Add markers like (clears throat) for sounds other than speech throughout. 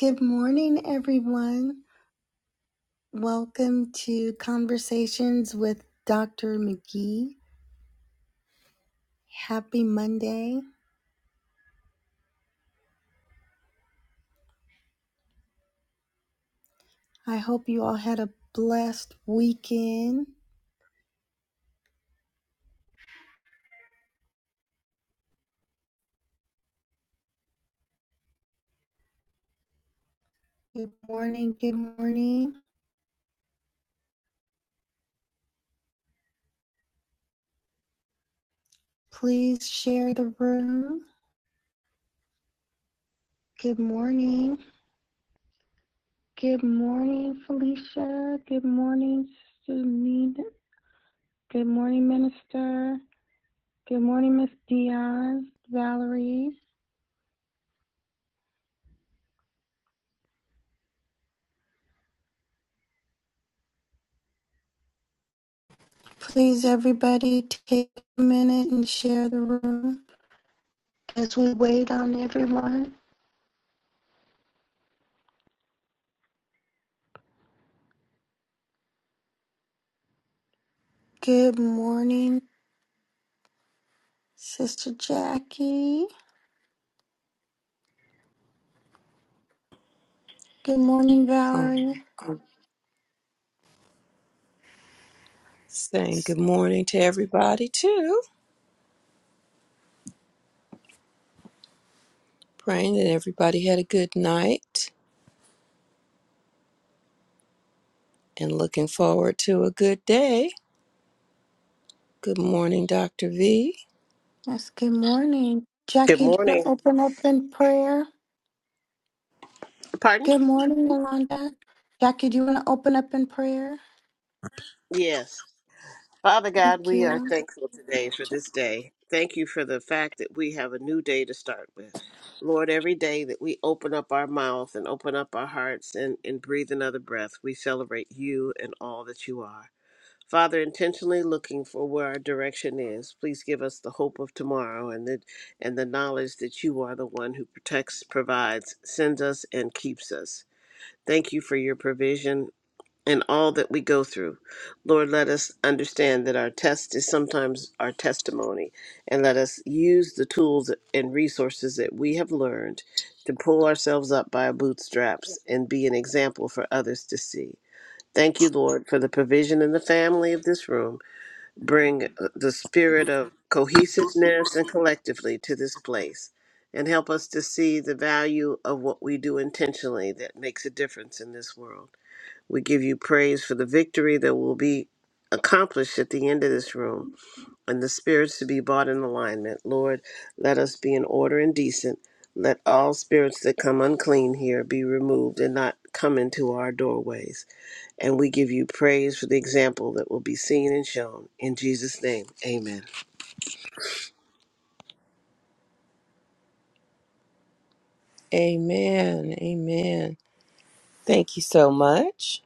Good morning, everyone. Welcome to Conversations with Dr. McGee. Happy Monday. I hope you all had a blessed weekend. Good morning. Good morning. Please share the room. Good morning. Good morning, Felicia. Good morning, Sunita. Good morning, Minister. Good morning, Miss Dion, Valerie. Please, everybody, take a minute and share the room as we wait on everyone. Good morning, Sister Jackie. Good morning, um, Valerie. saying good morning to everybody too. Praying that everybody had a good night and looking forward to a good day. Good morning, Dr. V. Yes, good morning. Good Jackie, do you want morning. to open up in prayer? Pardon? Good morning, Yolanda. Jackie, do you want to open up in prayer? Yes. Father God, Thank we are you. thankful today for this day. Thank you for the fact that we have a new day to start with. Lord, every day that we open up our mouth and open up our hearts and, and breathe another breath, we celebrate you and all that you are. Father, intentionally looking for where our direction is, please give us the hope of tomorrow and the, and the knowledge that you are the one who protects, provides, sends us, and keeps us. Thank you for your provision and all that we go through. Lord, let us understand that our test is sometimes our testimony, and let us use the tools and resources that we have learned to pull ourselves up by our bootstraps and be an example for others to see. Thank you, Lord, for the provision in the family of this room. Bring uh, the spirit of cohesiveness and collectively to this place. And help us to see the value of what we do intentionally that makes a difference in this world. We give you praise for the victory that will be accomplished at the end of this room and the spirits to be brought in alignment. Lord, let us be in order and decent. Let all spirits that come unclean here be removed and not come into our doorways. And we give you praise for the example that will be seen and shown. In Jesus' name, amen. Amen. Amen. Thank you so much.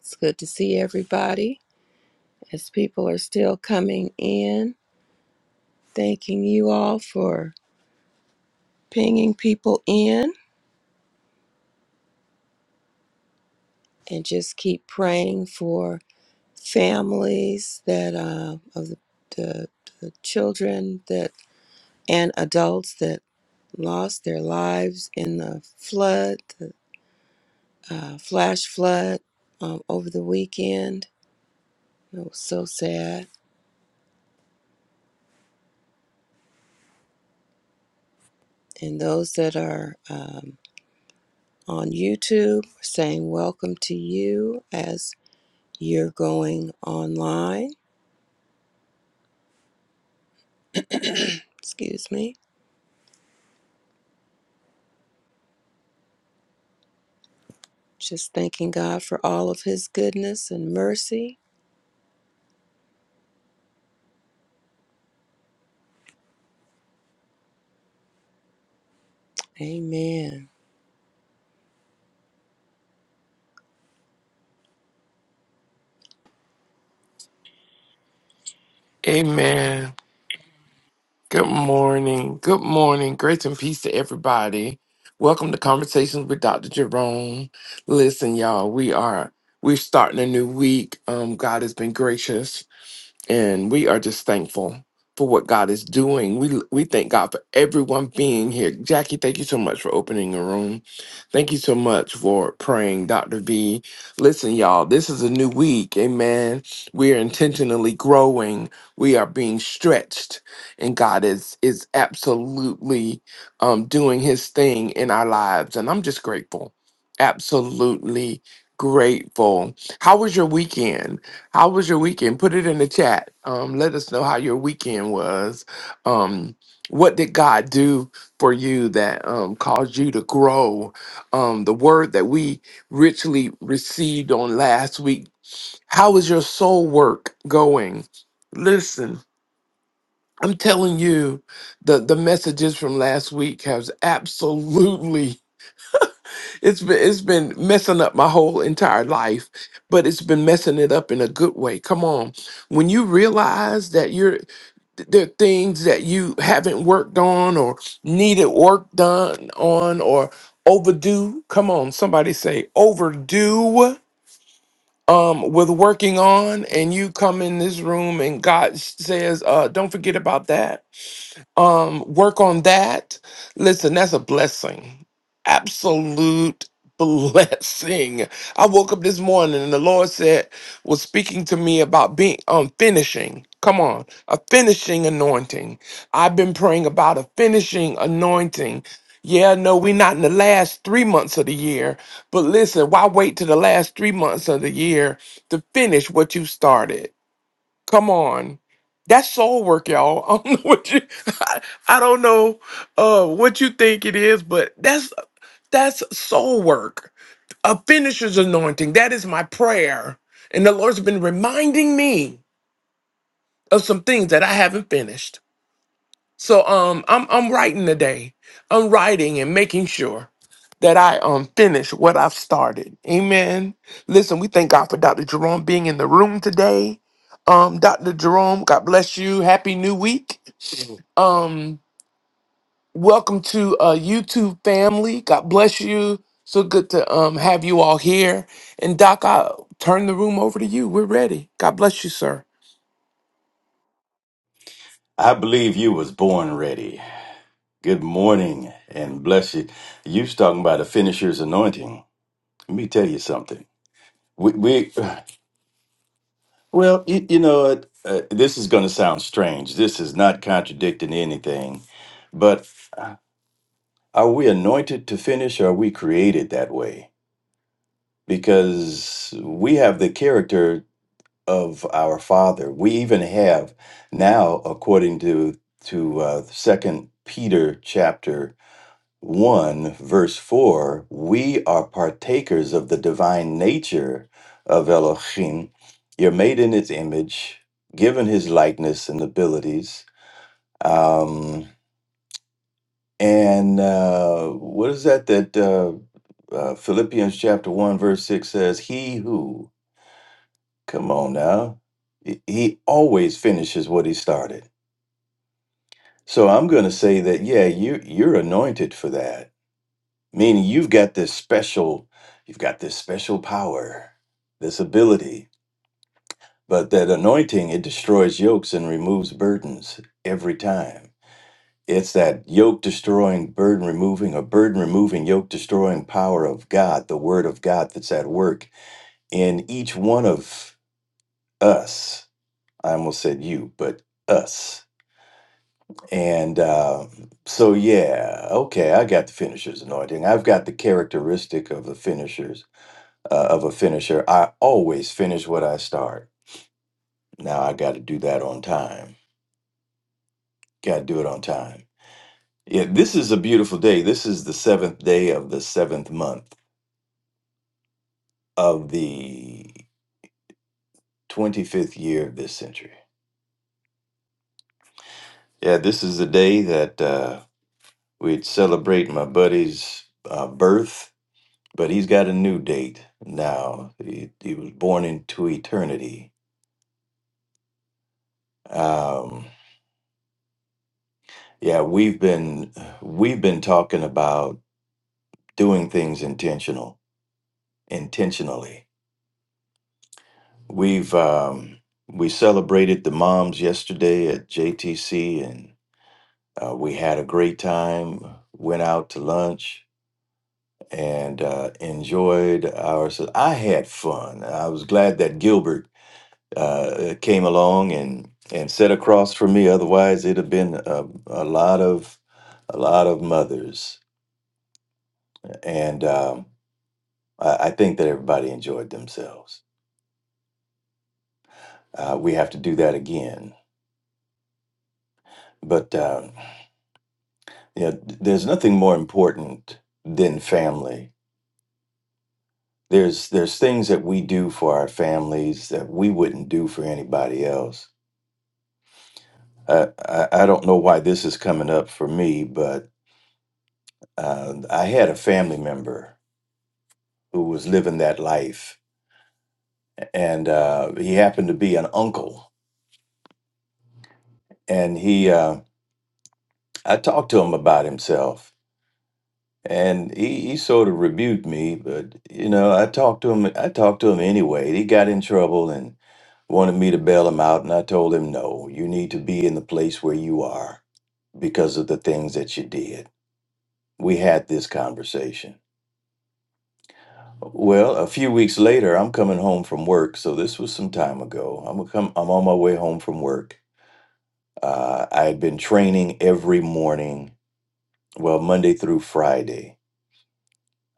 It's good to see everybody as people are still coming in. Thanking you all for pinging people in and just keep praying for families that uh, of the, the the children that and adults that lost their lives in the flood, the uh, flash flood um, over the weekend. It was so sad. And those that are um, on YouTube saying welcome to you as you're going online. Excuse me. Just thanking God for all of his goodness and mercy. Amen. Amen. Good morning. Good morning. Grace and peace to everybody. Welcome to Conversations with Dr. Jerome. Listen, y'all, we are we're starting a new week. Um, God has been gracious and we are just thankful for what God is doing. We we thank God for everyone being here. Jackie, thank you so much for opening the room. Thank you so much for praying, Dr. V. Listen, y'all, this is a new week. Amen. We are intentionally growing. We are being stretched, and God is is absolutely um, doing His thing in our lives, and I'm just grateful. Absolutely grateful. How was your weekend? How was your weekend? Put it in the chat. Um, let us know how your weekend was. Um, what did God do for you that um, caused you to grow? Um, the word that we richly received on last week. How is your soul work going? Listen, I'm telling you, the the messages from last week has absolutely it's been it's been messing up my whole entire life, but it's been messing it up in a good way. Come on. When you realize that you're th- there are things that you haven't worked on or needed work done on or overdue. Come on, somebody say overdue um with working on and you come in this room and God says, uh, don't forget about that um, work on that. Listen, that's a blessing. Absolute (laughs) blessing. I woke up this morning and the Lord said, was speaking to me about being um finishing. Come on, a finishing anointing. I've been praying about a finishing anointing. Yeah, no, we're not in the last three months of the year, but listen, why wait to the last three months of the year to finish what you started? Come on. That's soul work, y'all. (laughs) I don't know what you (laughs) I, I don't know uh what you think it is, but that's that's soul work. A finisher's anointing. That is my prayer. And the Lord's been reminding me of some things that I haven't finished. So um I'm I'm writing today. I'm writing and making sure that I um finish what I've started. Amen. Listen, we thank God for Dr. Jerome being in the room today. Um Dr. Jerome, God bless you. Happy new week. Um welcome to uh YouTube family. God bless you. So good to um have you all here. And Doc, I'll turn the room over to you. We're ready. God bless you, sir. I believe you was born ready. Good morning and bless you. You was talking about a finisher's anointing. Let me tell you something. We, we (sighs) well, you, you know, what, uh, this is going to sound strange. This is not contradicting anything, but are we anointed to finish or are we created that way? Because we have the character of our Father. We even have now, according to to uh, Second Peter chapter 1, verse 4, we are partakers of the divine nature of Elohim. You're made in his image, given his likeness and abilities. Um, and uh, what is that that uh, uh, Philippians chapter 1, verse 6 says, He who, come on now, he he always finishes what he started. So I'm going to say that, yeah, you, you're anointed for that meaning you've got this special you've got this special power this ability but that anointing it destroys yokes and removes burdens every time it's that yoke destroying burden removing or burden removing yoke destroying power of god the word of god that's at work in each one of us i almost said you but us and uh, so yeah okay i got the finisher's anointing i've got the characteristic of the finisher's uh, of a finisher. I always finish what I start. Now I got to do that on time. Got to do it on time. Yeah, this is a beautiful day. This is the seventh day of the seventh month of the 25th year of this century. Yeah, this is the day that uh, we'd celebrate my buddy's uh, birth, but he's got a new date now. He, he was born into eternity. Um, yeah, we've been we've been talking about doing things intentional intentionally we've um, we celebrated the moms yesterday at jtc and uh, we had a great time went out to lunch and uh, enjoyed ourselves. i had fun i was glad that gilbert uh, came along and and sat across from me otherwise it'd have been a, a lot of a lot of mothers and um, I, I think that everybody enjoyed themselves uh, we have to do that again. But uh, you know, there's nothing more important than family. There's there's things that we do for our families that we wouldn't do for anybody else. I I, I don't know why this is coming up for me, but uh, I had a family member who was living that life, and uh, he happened to be an uncle, and he uh, I talked to him about himself, and he, he sort of rebuked me, but you know, I talked to him. I talked to him anyway. He got in trouble and wanted me to bail him out, and I told him, "No, you need to be in the place where you are because of the things that you did." We had this conversation. Well, a few weeks later, I'm coming home from work, so this was some time ago. I'm come. I'm on my way home from work. Uh, I had been training every morning, well, Monday through Friday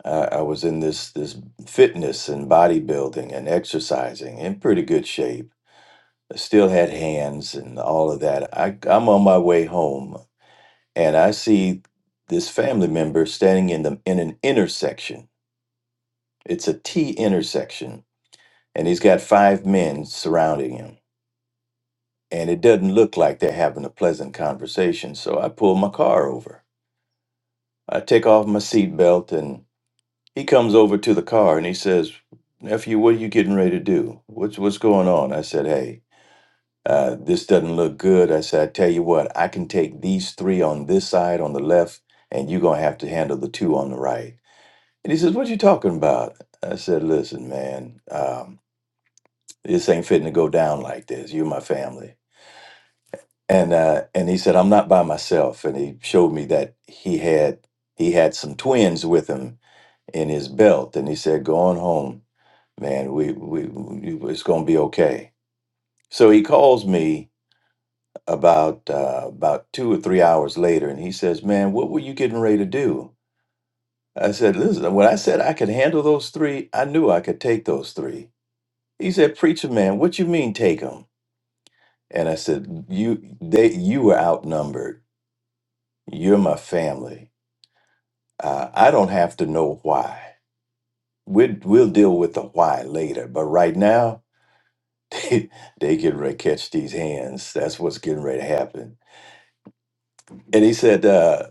I, I was in this this fitness and bodybuilding and exercising in pretty good shape. I still had hands and all of that. I, I'm on my way home and I see this family member standing in the in an intersection. It's a T intersection, and he's got five men surrounding him. And it doesn't look like they're having a pleasant conversation. So I pull my car over. I take off my seatbelt and. He comes over to the car and he says, "Nephew, what are you getting ready to do? What's what's going on?" I said, "Hey, uh, this doesn't look good." I said, "I tell you what, I can take these three on this side on the left, and you're gonna have to handle the two on the right." And he says, "What you talking about?" I said, "Listen, man, um, this ain't fitting to go down like this. You're my family." And uh, and he said, "I'm not by myself." And he showed me that he had he had some twins with him in his belt, and he said, "Go on home." man, we, we, we it's gonna be okay. So he calls me about uh, about two or three hours later, and he says, "Man, what were you getting ready to do?" I said, "Listen, when I said I could handle those three, I knew I could take those three." He said, "Preacher man, what you mean take them?" And I said, "You they you were outnumbered. You're my family. Uh, I don't have to know why. We'll we'll deal with the why later, but right now." (laughs) they, they getting ready to catch these hands. That's what's getting ready to happen. And he said, uh,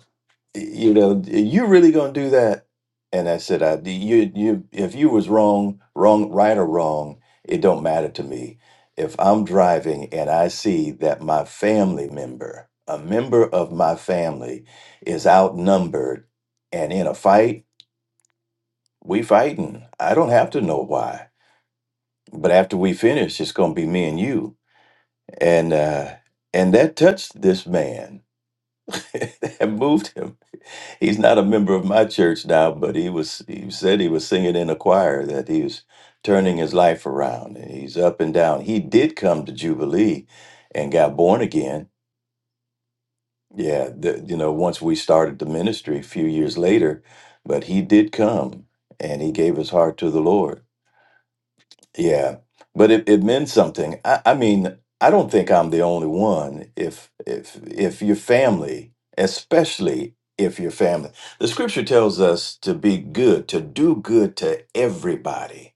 you know, you really gonna do that? And I said, I, you, you, if you was wrong, wrong, right or wrong, it don't matter to me. If I'm driving and I see that my family member, a member of my family, is outnumbered and in a fight, we fighting. I don't have to know why. But after we finish, it's gonna be me and you and uh and that touched this man (laughs) that moved him he's not a member of my church now but he was he said he was singing in a choir that he was turning his life around and he's up and down he did come to jubilee and got born again yeah the, you know once we started the ministry a few years later but he did come and he gave his heart to the lord Yeah, but it, it meant something. I, I mean, I don't think I'm the only one. If if if your family, especially if your family, the scripture tells us to be good, to do good to everybody.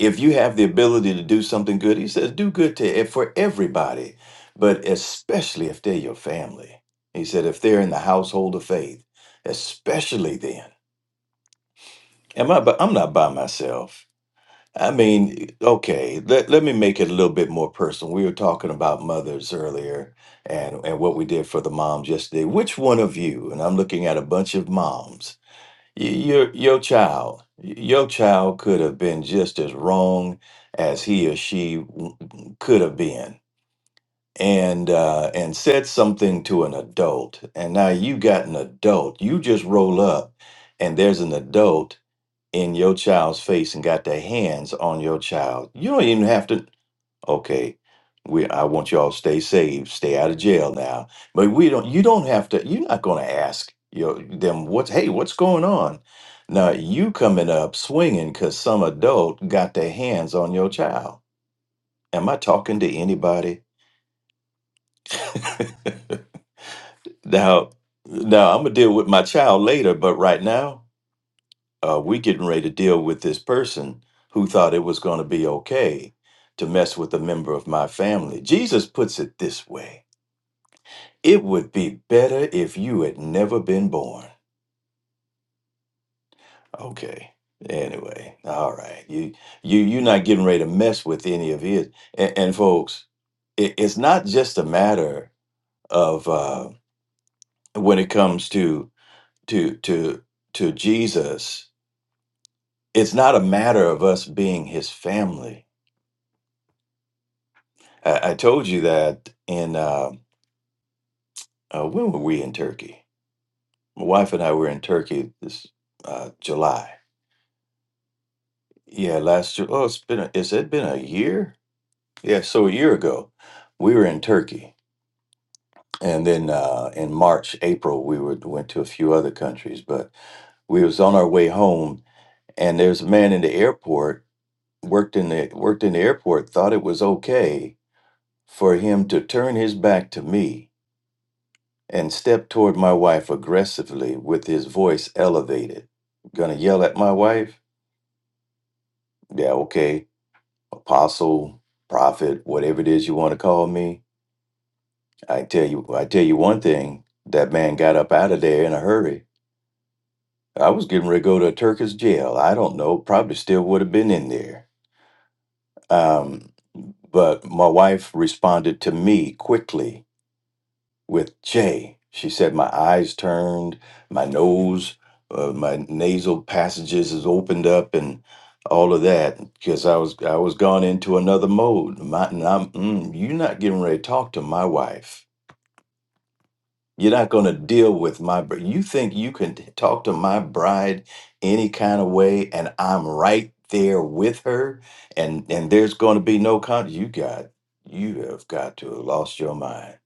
If you have the ability to do something good, he says, do good to e- for everybody, but especially if they're your family. He said, if they're in the household of faith, especially then. Am I? But I'm not by myself I mean, okay, let, let me make it a little bit more personal. We were talking about mothers earlier and, and what we did for the moms yesterday. Which one of you, and I'm looking at a bunch of moms, y- your, your child, your child could have been just as wrong as he or she w- w- could have been and uh, and said something to an adult. And now you got an adult. You just roll up and there's an adult in your child's face and got their hands on your child. You don't even have to. Okay, we. I want y'all to stay safe, stay out of jail now. But we don't. You don't have to. You're not going to ask your them what's. Hey, what's going on? Now you coming up swinging because some adult got their hands on your child. Am I talking to anybody? (laughs) Now, now I'm gonna deal with my child later. But right now. uh, we getting ready to deal with this person who thought it was going to be okay to mess with a member of my family. Jesus puts it this way it would be better if you had never been born. Okay. Anyway, all right. You you you're not getting ready to mess with any of it. And, and folks, it, it's not just a matter of uh, when it comes to to to to Jesus. It's not a matter of us being His family I, I told you that in uh, uh, when were we in Turkey? My wife and I were in Turkey this uh, July. Yeah, last year. Oh, it's been a, is it been a year? Yeah, so a year ago, we were in Turkey, and then uh, in March, April, we were, went to a few other countries. But we was on our way home, and there's a man in the airport worked in the worked in the airport thought it was okay for him to turn his back to me and stepped toward my wife aggressively with his voice elevated. Gonna yell at my wife? Yeah, okay. Apostle, prophet, whatever it is you want to call me. I tell you I tell you one thing, that man got up out of there in a hurry. I was getting ready to go to a Turkish jail. I don't know, probably still would have been in there. Um, but my wife responded to me quickly with J. She said, My eyes turned, my nose, uh, my nasal passages is opened up, and all of that because I was I was gone into another mode. My, and I'm, mm, you're not getting ready to talk to my wife. You're not going to deal with my. br- You think you can t- talk to my bride any kind of way, and I'm right there with her, and and there's going to be no con. You got you have got to have lost your mind.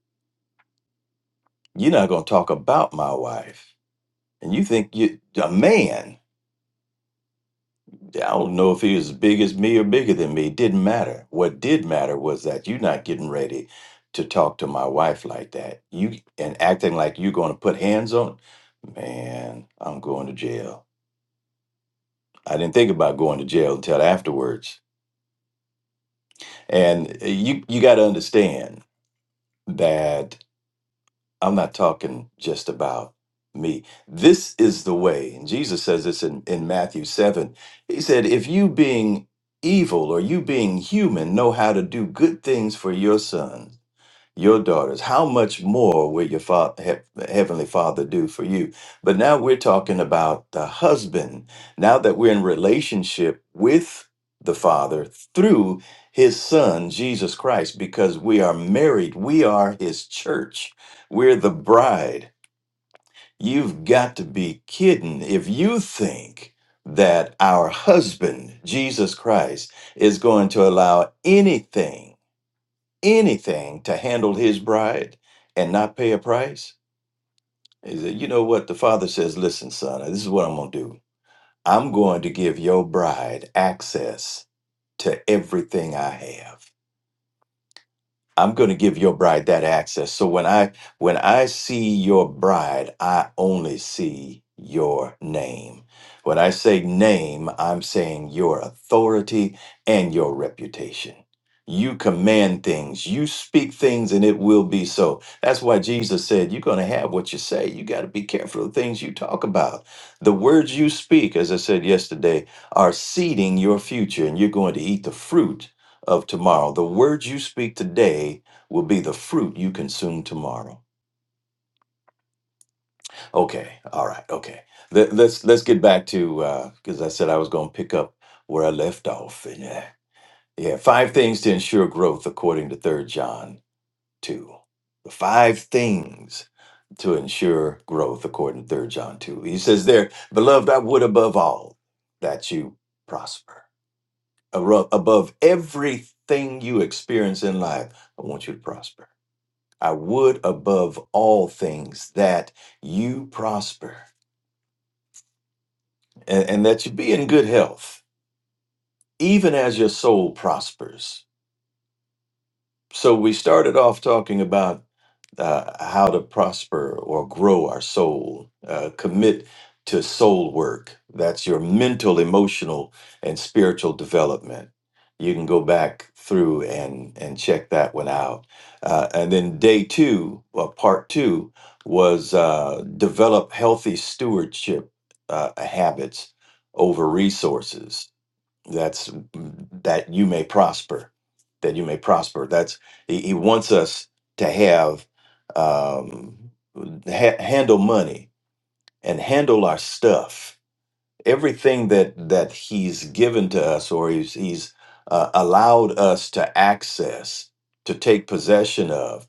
You're not going to talk about my wife and you think you a man i don't know if he was as big as me or bigger than me it didn't matter what did matter was that you're not getting ready to talk to my wife like that you and acting like you're going to put hands on man i'm going to jail i didn't think about going to jail until afterwards and uh, you you got to understand that I'm not talking just about me. This is the way. And Jesus says this in, in Matthew 7. He said, If you being evil or you being human know how to do good things for your son." your daughters how much more will your father, he- heavenly father do for you but now we're talking about the husband now that we're in relationship with the father through his son jesus christ because we are married we are his church we're the bride you've got to be kidding if you think that our husband jesus christ is going to allow anything anything to handle his bride and not pay a price? He said, You know what? The father says, Listen, son, this is what I'm going to do. I'm going to give your bride access to everything I have. I'm going to give your bride that access. So when I when I see your bride, I only see your name. When I say name, I'm saying your authority and your reputation. You command things, you speak things and it will be so. That's why Jesus said you're going to have what you say. You got to be careful of the things you talk about. The words you speak, as I said yesterday, are seeding your future and you're going to eat the fruit of tomorrow. The words you speak today will be the fruit you consume tomorrow. Okay, all right, okay. Let, let's let's get back to because I said I was going to pick up where I left off. And yeah, yeah, five things to ensure growth according to Third John two. The five things to ensure growth according to Third John two. He says there, beloved, I would above all that you prosper Aro- above everything you experience in life. I want you to prosper I would above all things that you prosper and, and that you be in good health, even as your soul prospers. So we started off talking about uh, how to prosper or grow our soul. Uh, commit to soul work. That's your mental, emotional, and spiritual development. You can go back through and and check that one out. Uh, and then day two, or part two, was uh, develop healthy stewardship uh, habits over resources that's mm, that you may prosper that you may prosper that's he, he wants us to have um ha- handle money and handle our stuff everything that that he's given to us or he's he's uh, allowed us to access to take possession of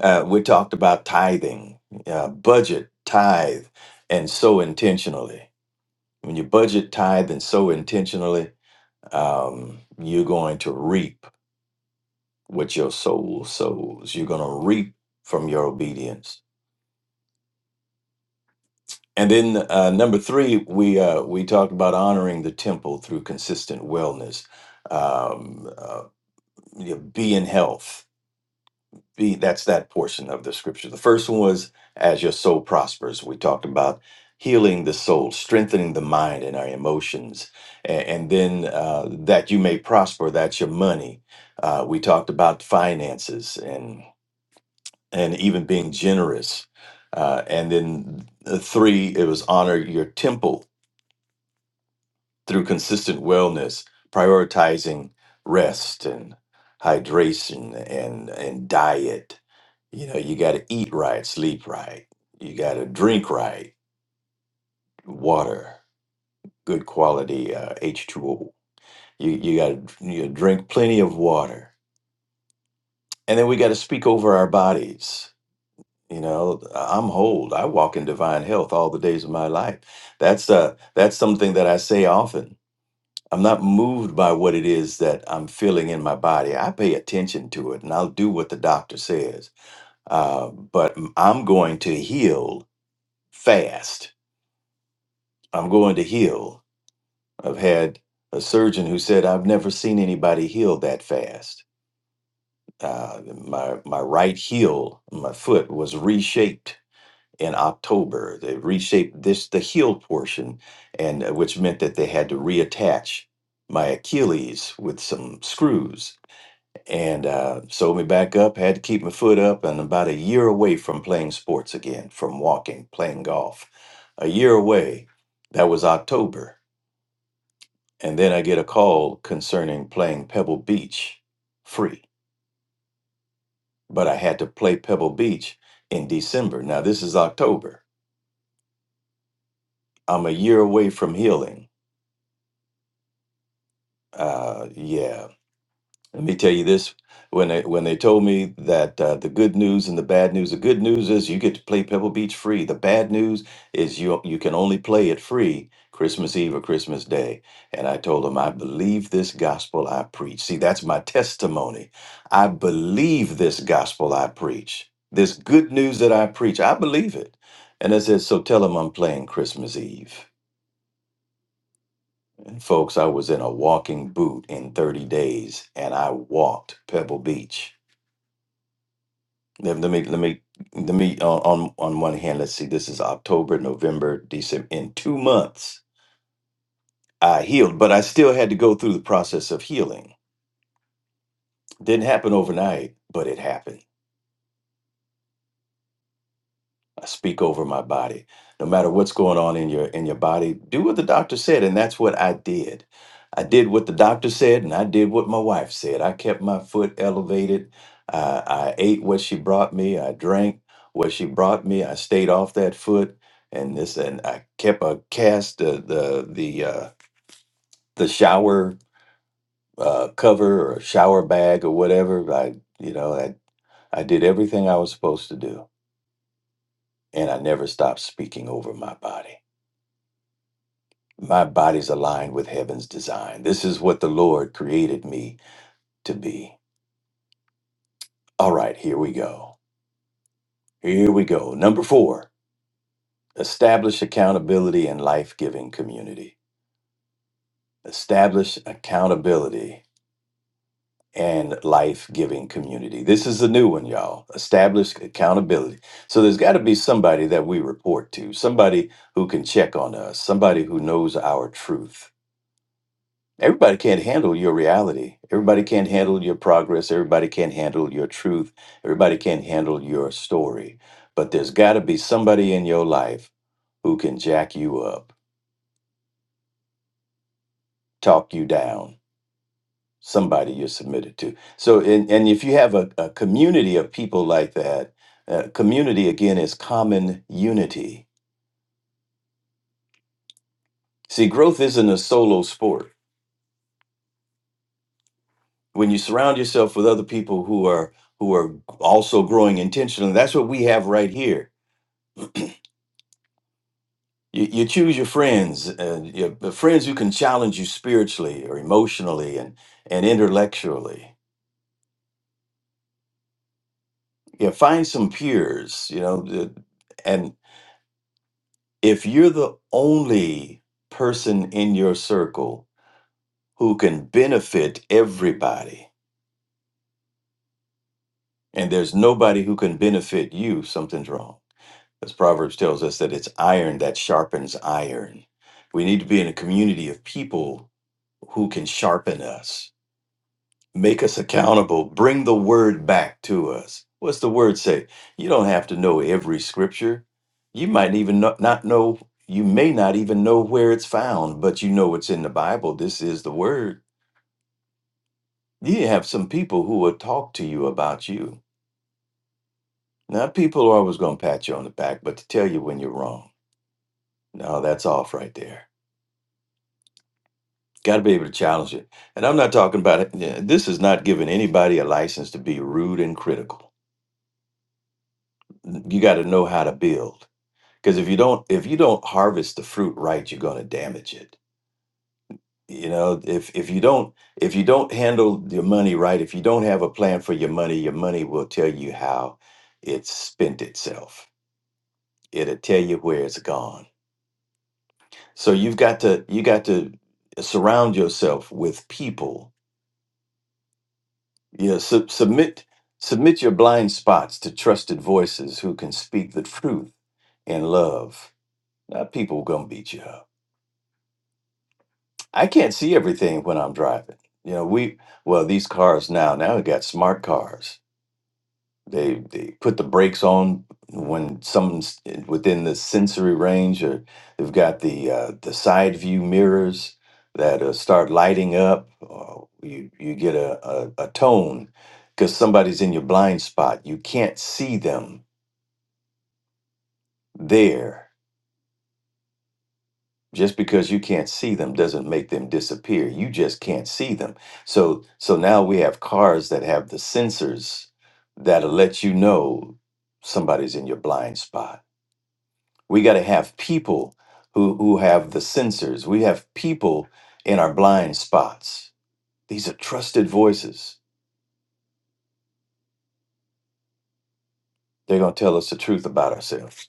uh, we talked about tithing uh, budget tithe and sow intentionally when you budget tithe and sow intentionally um, you're going to reap what your soul sows. You're going to reap from your obedience. And then uh, number three, we uh, we talked about honoring the temple through consistent wellness. Um, uh, you know, be in health be that's that portion of the scripture. The first one was as your soul prospers. We talked about healing the soul, strengthening the mind and our emotions, and, and then uh, that you may prosper. That's your money. Uh, we talked about finances and and even being generous. Uh, and then the three, it was honor your temple through consistent wellness, prioritizing rest and hydration and and diet you know, you got to eat right, sleep right. You got to drink right, water, good quality uh, H2O. You, you got to you drink plenty of water. And then we got to speak over our bodies. You know, I'm whole. I walk in divine health all the days of my life. That's uh, that's something that I say often. I'm not moved by what it is that I'm feeling in my body. I pay attention to it, and I'll do what the doctor says. Uh, but I'm going to heal fast I'm going to heal. I've had a surgeon who said I've never seen anybody heal that fast. Uh, my my right heel, my foot was reshaped in October. They reshaped this the heel portion, and uh, which meant that they had to reattach my Achilles with some screws and uh, sewed me back up. Had to keep my foot up, and about a year away from playing sports again, from walking, playing golf, a year away. That was October And then I get a call concerning playing Pebble Beach free. But I had to play Pebble Beach in December. Now, this is October. I'm a year away from healing. Uh, yeah, Let me tell you this: when they when they told me that uh, the good news and the bad news, the good news is you get to play Pebble Beach free. The bad news is you you can only play it free Christmas Eve or Christmas Day. And I told them I believe this gospel I preach. See, that's my testimony. I believe this gospel I preach. This good news that I preach, I believe it. And I said, so tell them I'm playing Christmas Eve. And folks, I was in a walking boot in 30 days, and I walked Pebble Beach. Let, let me let me let me uh, on on one hand, let's see. This is October, November, December. In two months, I healed, but I still had to go through the process of healing. Didn't happen overnight, but it happened. I speak over my body. No matter what's going on in your in your body, do what the doctor said, and that's what I did. I did what the doctor said, and I did what my wife said. I kept my foot elevated. I, I ate what she brought me. I drank what she brought me. I stayed off that foot, and this and I kept a cast the the the uh, the shower uh, cover or shower bag or whatever. I you know I I did everything I was supposed to do, and I never stopped speaking over my body. My body's aligned with heaven's design. This is what the Lord created me to be. All right, here we go. Here we go. Number four, establish accountability and life giving community. Establish accountability and life giving community. This is a new one, y'all. Establish accountability. So there's got to be somebody that we report to, somebody who can check on us, somebody who knows our truth Everybody can't handle your reality. Everybody can't handle your progress. Everybody can't handle your truth. Everybody can't handle your story. But there's got to be somebody in your life who can jack you up, talk you down, somebody you're submitted to. So, and, and if you have a, a community of people like that, uh, community again is common unity. See, growth isn't a solo sport. When you surround yourself with other people who are who are also growing intentionally, that's what we have right here You, you choose your friends, uh, your, the friends who can challenge you spiritually or emotionally and, and intellectually. You find some peers, you know, the- and if you're the only person in your circle who can benefit everybody, and there's nobody who can benefit you, something's wrong. As Proverbs tells us that it's iron that sharpens iron. We need to be in a community of people who can sharpen us make us accountable, bring the word back to us. What's the word say? You don't have to know every scripture. You might even not, not know, you may not even know where it's found, but you know it's in the Bible. This is the word. You have some people who will talk to you about you. Now, people are always going to pat you on the back, but to tell you when you're wrong. No, that's off right there. Got to be able to challenge it. And I'm not talking about it. yeah, This is not giving anybody a license to be rude and critical. You got to know how to build. because if you don't if you don't harvest the fruit right you're going to damage it you know if if you don't if you don't handle your money right if you don't have a plan for your money your money will tell you how it's spent itself it'll tell you where it's gone so you've got to you got to surround yourself with people you know sub- submit submit your blind spots to trusted voices who can speak the truth in love now people gonna beat you up I can't see everything when I'm driving. You know, we well these cars now now we got smart cars. They they put the brakes on when someone's in- within the sensory range, or they've got the uh, the side view mirrors that uh, start lighting up. Or you you get a a, a tone because somebody's in your blind spot. You can't see them there just because you can't see them doesn't make them disappear you just can't see them so so now we have cars that have the sensors that'll let you know somebody's in your blind spot we got to have people who who have the sensors we have people in our blind spots these are trusted voices they're going to tell us the truth about ourselves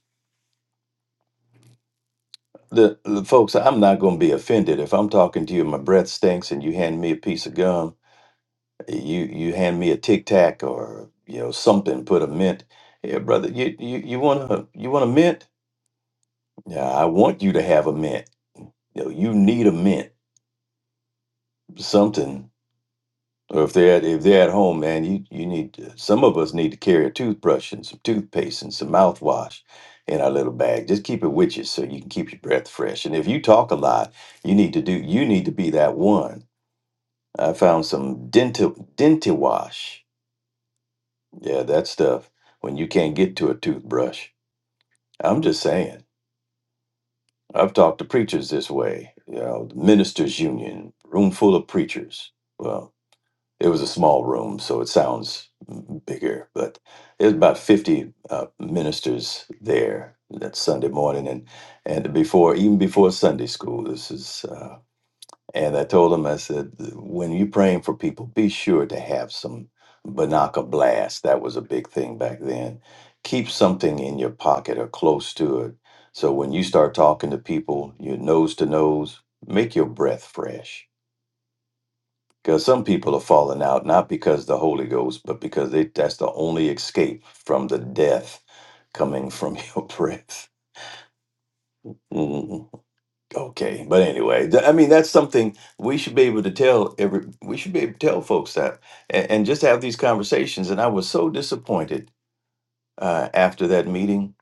the, the folks i'm not going to be offended if i'm talking to you my breath stinks and you hand me a piece of gum you you hand me a tic tac or you know something put a mint here brother you you you want to you want a mint yeah i want you to have a mint you know you need a mint something or if they're at, if they're at home man you you need to- some of us need to carry a toothbrush and some toothpaste and some mouthwash in our little bag just keep it with you so you can keep your breath fresh and if you talk a lot you need to do you need to be that one i found some dental dental wash Yeah, that stuff when you can't get to a toothbrush. I'm just saying. I've talked to preachers this way, you know, the ministers union, room full of preachers. Well, it was a small room, so it sounds bigger, but there's about 50 uh, ministers there that Sunday morning and and before even before Sunday school. This is uh, and I told him, I said, when you're praying for people, be sure to have some Banaka blast. That was a big thing back then. Keep something in your pocket or close to it. So when you start talking to people, you're nose to nose, make your breath fresh. Because some people are falling out, not because the Holy Ghost, but because they, that's the only escape from the death coming from (laughs) your breath. Mm-hmm. Okay, but anyway, th- I mean that's something we should be able to tell every we should be able to tell folks that and, and just have these conversations. And I was so disappointed uh, after that meeting.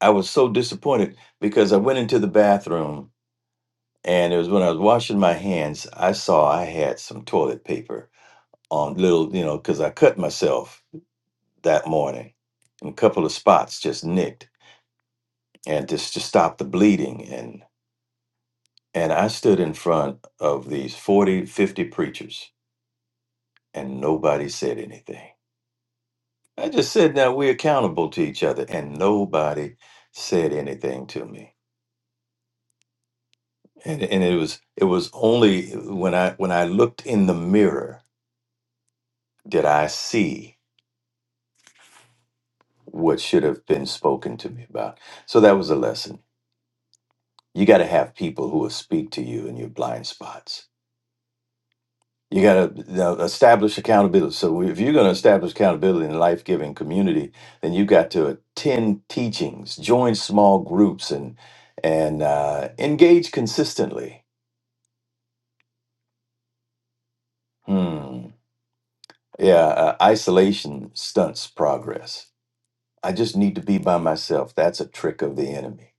I was so disappointed because I went into the bathroom and it was when I was washing my hands. I saw I had some toilet paper on little, you know, because I cut myself that morning and a couple of spots just nicked and just to stop the bleeding and and I stood in front of these 40, 50 preachers and nobody said anything. I just said now we're accountable to each other, and nobody said anything to me. And and it was it was only when I when I looked in the mirror did I see what should have been spoken to me about. So that was a lesson. You got to have people who will speak to you in your blind spots You got to establish accountability. So if you're going to establish accountability in a life-giving community, then you got to attend teachings, join small groups, and and uh, engage consistently. Hmm. Yeah, uh, isolation stunts progress. I just need to be by myself. That's a trick of the enemy.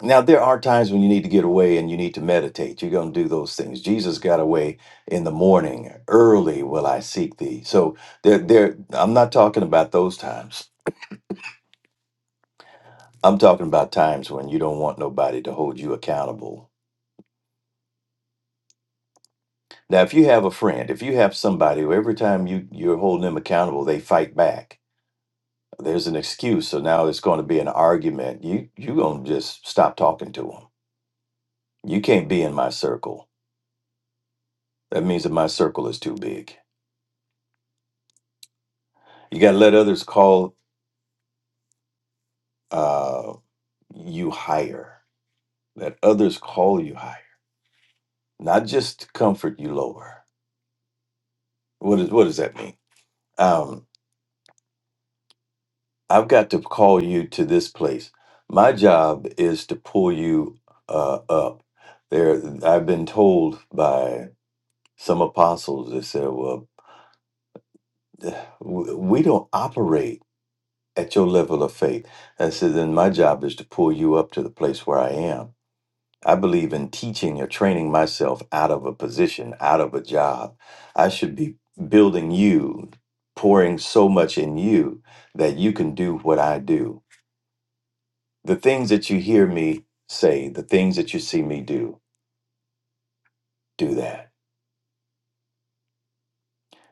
Now, there are times when you need to get away and you need to meditate. You're going to do those things. Jesus got away in the morning. Early will I seek thee. So there, there, I'm not talking about those times. I'm talking about times when you don't want nobody to hold you accountable. Now, if you have a friend, if you have somebody who every time you, you're holding them accountable, they fight back. There's an excuse. So now it's going to be an argument. You you're going to just stop talking to them. You can't be in my circle. That means that my circle is too big. You got to let others call uh, you higher, that others call you higher, not just to comfort you lower. What, is, what does that mean? Um, I've got to call you to this place. My job is to pull you uh, up. There, I've been told by some apostles they said, "Well, (sighs) w- we don't operate at your level of faith." I said, "Then my job is to pull you up to the place where I am." I believe in teaching or training myself out of a position, out of a job. I should be building you, pouring so much in you that you can do what I do. The things that you hear me say, the things that you see me do, do that.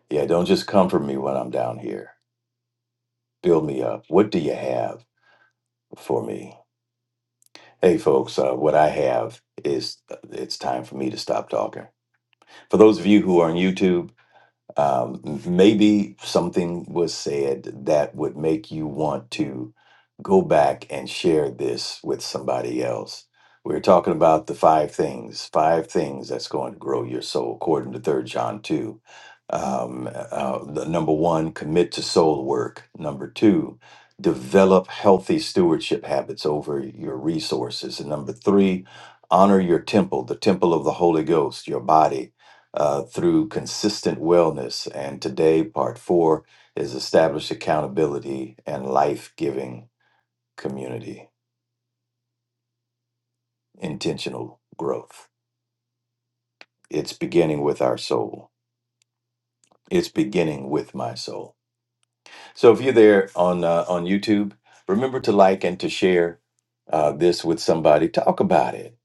Yeah, don't just comfort me when I'm down here. Build me up. What do you have for me? Hey, folks, uh, what I have is uh, it's time for me to stop talking. For those of you who are on YouTube, Um, m- maybe something was said that would make you want to go back and share this with somebody else. We are talking about the five things, five things that's going to grow your soul, according to Third John 2. Um, uh, the number one, commit to soul work. Number two, develop healthy stewardship habits over your resources. And number three, honor your temple, the temple of the Holy Ghost, your body uh, through consistent wellness. And today, part four is establish accountability and life giving community, intentional growth. It's beginning with our soul. It's beginning with my soul. So if you're there on uh, on YouTube, remember to like and to share uh, this with somebody. Talk about it.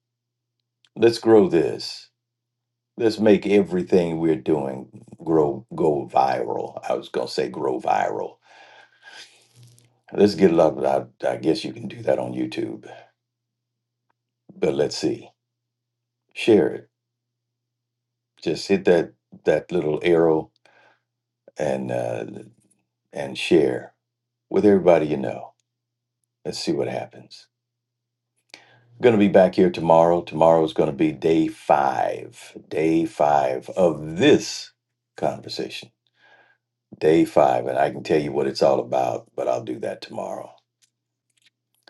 Let's grow this. Let's make everything we're doing grow go viral. I was gonna say grow viral Let's get it up. I, I guess you can do that on YouTube, but let's see. Share it. Just hit that that little arrow and uh, and share with everybody you know. Let's see what happens. Going to be back here tomorrow. Tomorrow is going to be day five. Day five of this conversation. Day five, and I can tell you what it's all about, but I'll do that tomorrow.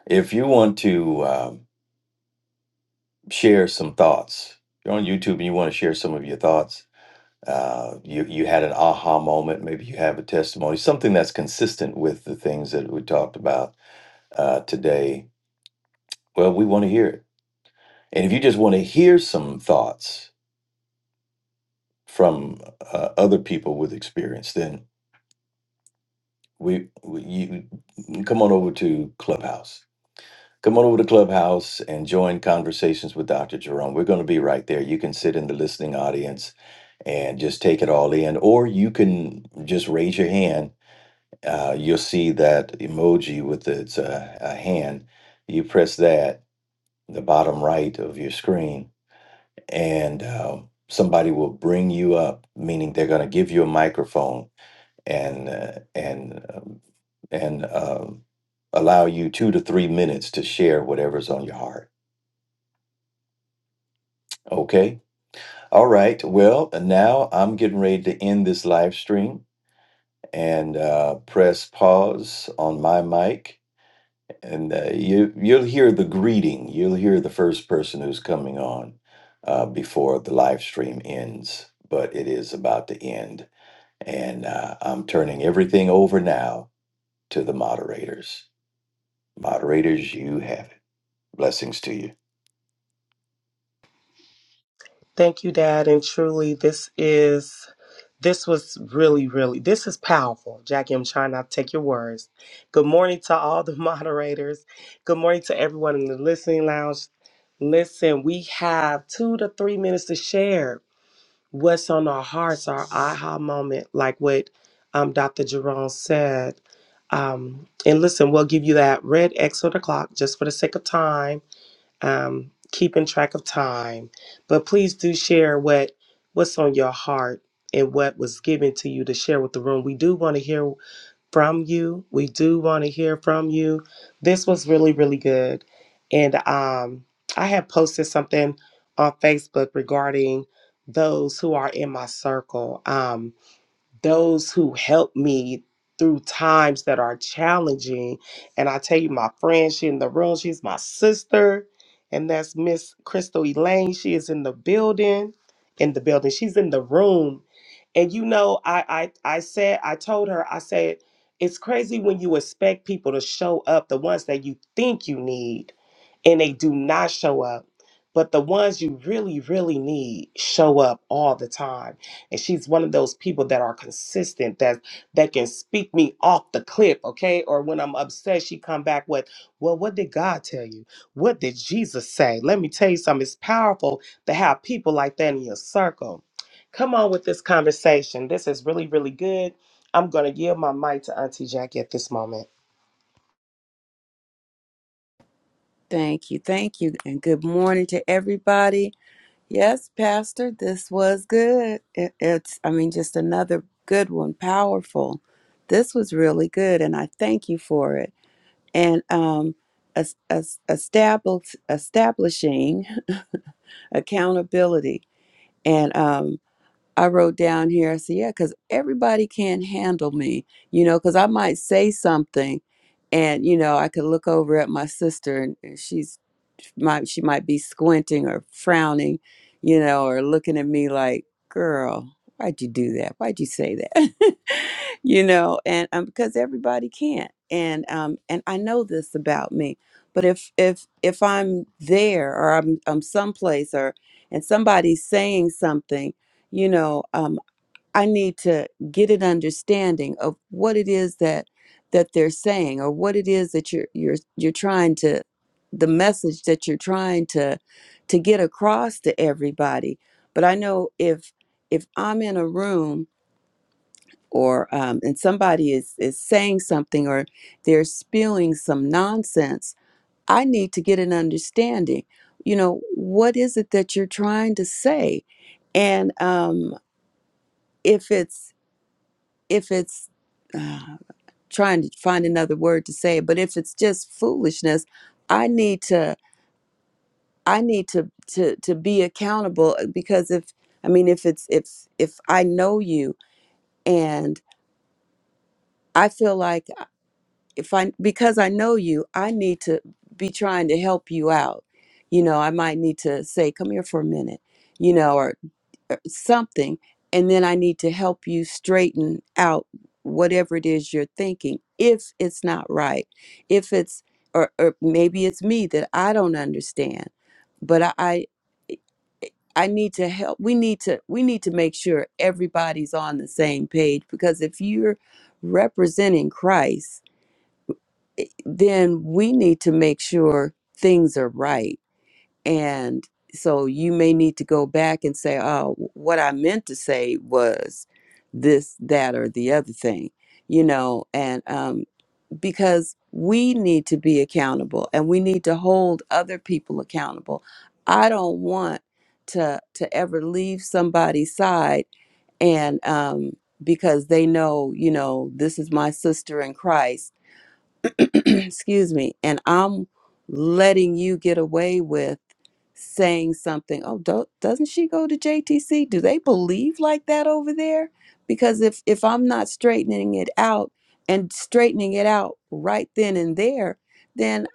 If you want to um, share some thoughts, you're on YouTube and you want to share some of your thoughts uh, you you had an aha moment. Maybe you have a testimony, something that's consistent with the things that we talked about uh, today. Well, we want to hear it, and if you just want to hear some thoughts from uh, other people with experience, then we, we you come on over to Clubhouse. Come on over to Clubhouse and join conversations with Dr. Jerome. We're going to be right there. You can sit in the listening audience and just take it all in, or you can just raise your hand uh, you'll see that emoji with its uh, a hand. You press that, the bottom right of your screen, and um, somebody will bring you up, meaning they're going to give you a microphone and uh, and um, and um, allow you two to three minutes to share whatever's on your heart. Okay. All right. Well, now I'm getting ready to end this live stream and uh, press pause on my mic and uh, you you'll hear the greeting. You'll hear the first person who's coming on uh, before the live stream ends, but it is about to end, and uh, I'm turning everything over now to the moderators. Moderators, you have it. Blessings to you. Thank you, Dad. And truly, this is this was really, really this is powerful. Jackie, I'm trying not to take your words. Good morning to all the (laughs) moderators. Good morning to everyone in the listening lounge. Listen, we have two to three minutes to share what's on our hearts, our aha moment, like what um, Dr. Jerome said. Um, and listen, we'll give you that red X or the clock just for the sake of time um, keeping track of time. But please do share what what's on your heart and what was given to you to share with the room. We do want to hear from you. We do want to hear from you. This was really really good, and um, I have posted something on Facebook regarding those who are in my circle. Um, those who help me through times that are challenging. And I tell you, my friend, she in the room, she's my sister, and that's Miss Crystal Elaine. She is in the building, in the building. She's in the room. And you know, I I I said, I told her, I said, it's crazy when you expect people to show up, the ones that you think you need, and they do not show up. But the ones you really, really need show up all the time and she's one of those people that are consistent that that can speak me off the cliff okay or when i'm upset she come back with well what did god tell you what did jesus say let me tell you something it's powerful to have people like that in your circle come on with this conversation this is really really good i'm going to yield my mic to auntie jackie at this moment Thank you. Thank you. And good morning to everybody. Yes, Pastor, this was good. It, it's, I mean, just another good one, powerful. This was really good, and I thank you for it. And um, es- es- establish, establishing (laughs) accountability. And um, I wrote down here, I said, yeah, because everybody can't handle me, you know, because I might say something and, you know, I could look over at my sister and and she's might she might be squinting or frowning, you know, or looking at me like, girl, why'd you do that? Why'd you say that? (laughs) you know, and um, because everybody can't. And um and I know this about me. But if if if I'm there or I'm I'm someplace or and somebody's saying something you know um, i need to get an understanding of what it is that that they're saying or what it is that you're you're you're trying to the message that you're trying to to get across to everybody but i know if if i'm in a room or um, and somebody is is saying something or they're spewing some nonsense i need to get an understanding you know what is it that you're trying to say and um if it's if it's uh, trying to find another word to say it, but if it's just foolishness, I need to I need to to to be accountable uh, because if I mean if it's if if I know you and I feel like if I because I know you, I need to be trying to help you out. You know, I might need to say, "Come here for a minute," you know, uh, something and then i need to help you straighten out whatever it is you're thinking if it's not right if it's or, or maybe it's me that i don't understand but i i I need to help we need to we need to make sure everybody's on the same page because if you're representing christ then we need to make sure things are right and so you may need to go back and say, oh, what I meant to say was this, that, or the other thing, you know, and um, because we need to be accountable and we need to hold other people accountable. I don't want to to ever leave somebody's side and um, because they know, you know, this is my sister in Christ, (clears throat) excuse me, and I'm letting you get away with saying something oh do, doesn't she go to jtc do they believe like that over there because if if i'm not straightening it out and straightening it out right then and there then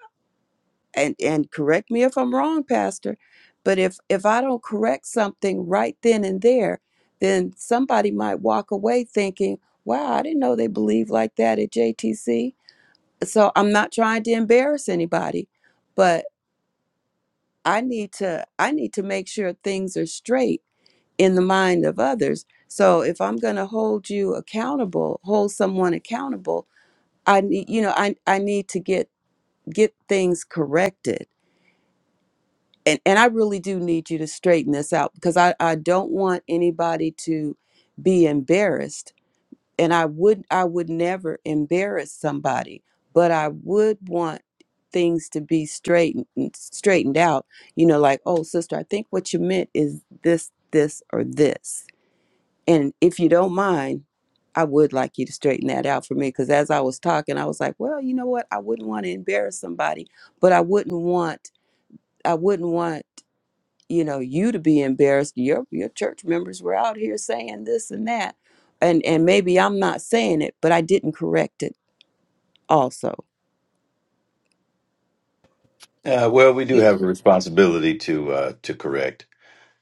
and and correct me if i'm wrong pastor but if if i don't correct something right then and there then somebody might walk away thinking wow i didn't know they believed like that at jtc so i'm not trying to embarrass anybody but. I need to I need to make sure things are straight in the mind of others. So if I'm going to hold you accountable, hold someone accountable, I need you know I I need to get get things corrected. And and I really do need you to straighten this out because I I don't want anybody to be embarrassed and I would I would never embarrass somebody, but I would want things to be straightened straightened out. You know, like, oh sister, I think what you meant is this, this, or this. And if you don't mind, I would like you to straighten that out for me. Cause as I was talking, I was like, well, you know what? I wouldn't want to embarrass somebody, but I wouldn't want I wouldn't want you know you to be embarrassed your your church members were out here saying this and that and and maybe i'm not saying it but i didn't correct it also Uh, well, we do You, have a responsibility to uh, to correct,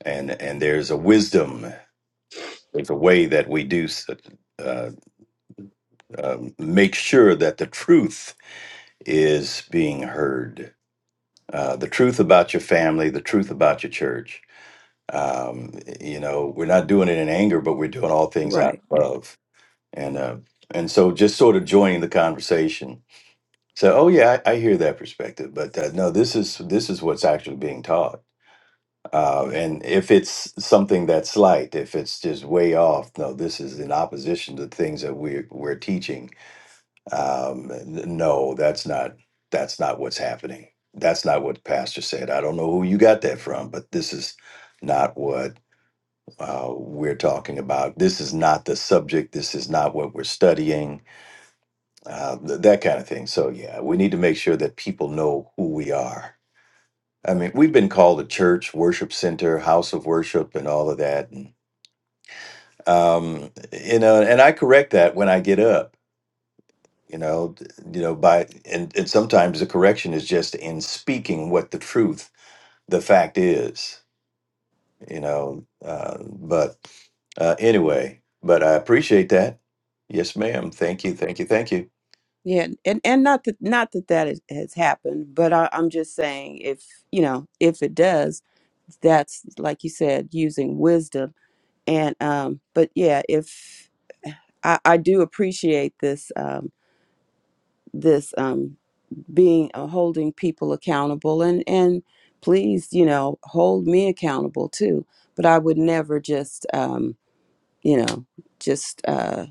and and there's a wisdom, there's a way that we do s- uh, uh, make sure that the truth is being heard uh, the truth about your family, the truth about your church. Um, you know, we're not doing it in anger, but we're doing all things out right of love. And uh, and so just sort of joining the conversation. So, oh yeah, I, I hear that perspective, but uh, no, this is this is what's actually being taught. Uh, and if it's something that's slight, if it's just way off, no, this is in opposition to things that we are we're teaching um, n- no, that's not that's not what's happening. That's not what the pastor said. I don't know who you got that from, but this is not what uh, we're talking about. This is not the subject. This is not what we're studying. Uh, th- that kind of thing. So yeah, we need to make sure that people know who we are. I mean, we've been called a church, worship center, house of worship, and all of that. And um, you know, and I correct that when I get up. you know d- you know by and, and sometimes the correction is just in speaking what the truth the fact is you know uh, but uh, anyway but i appreciate that yes ma'am thank you thank you thank you yeah and and not that not that that is, has happened but I, i'm just saying if you know if it does that's like you said using wisdom and um but yeah if i i do appreciate this um this um being uh, holding people accountable and and please you know hold me accountable too but i would never just um you know just uh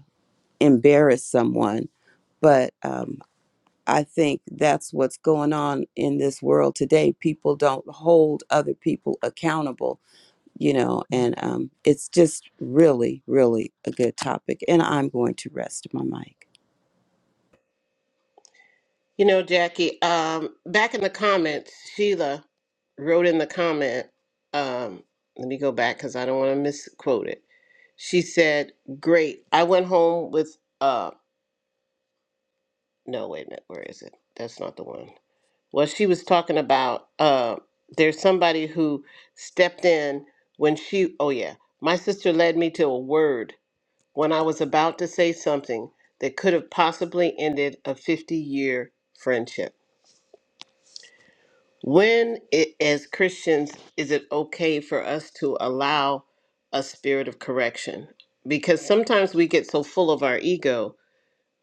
embarrass someone but um i think that's what's going on in this world today people don't hold other people accountable you know and um it's just really really a good topic and i'm going to rest my mic you know, Jackie, um, back in the comments, Sheila wrote in the comment, um, let me go back because I don't want to misquote it She said, Great. I went home with uh no, wait a minute, where is it? That's not the one. Well, she was talking about uh there's somebody who stepped in when she oh yeah. My sister led me to a word when I was about to say something that could have possibly ended a 50 year friendship. When it, as Christians is it okay for us to allow a spirit of correction? Because sometimes we get so full of our ego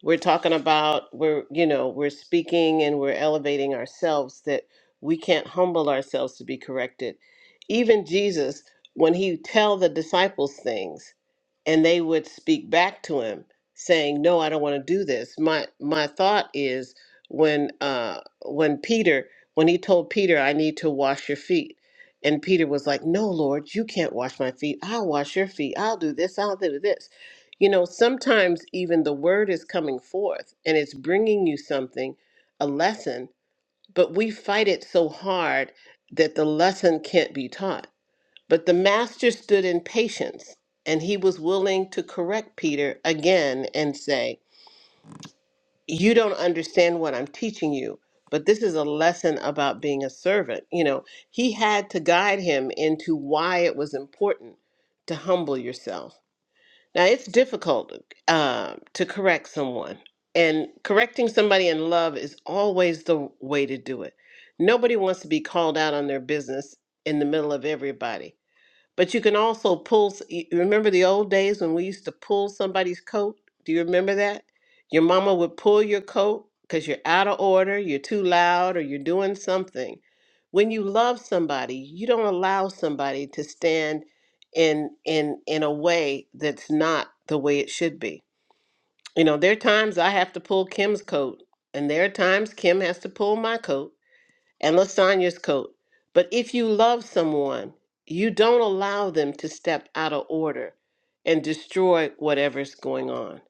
we're talking about we're you know we're speaking and we're elevating ourselves that we can't humble ourselves to be corrected even jesus when he tell the disciples things and they would speak back to him saying no i don't want to do this my my thought is when uh when peter when he told peter i need to wash your feet and peter was like no lord you can't wash my feet i'll wash your feet i'll do this i'll do this you know, sometimes even the word is coming forth and it's bringing you something, a lesson, but we fight it so hard that the lesson can't be taught. But the master stood in patience and he was willing to correct Peter again and say, You don't understand what I'm teaching you, but this is a lesson about being a servant. You know, he had to guide him into why it was important to humble yourself now, it's difficult um, to correct someone, and correcting somebody in love is always the way to do it. Nobody wants to be called out on their business in the middle of everybody. But you can also pull, s- y- remember the old days when we used to pull somebody's coat? Do you remember that? Your mama would pull your coat because you're out of order, you're too loud, or you're doing something. When you love somebody, you don't allow somebody to stand in in in a way that's not the way it should be. You know, there are times I have to pull Kim's coat, and there are times Kim has to pull my coat and lasagna's coat. But if you love someone, you don't allow them to step out of order and destroy whatever's going on.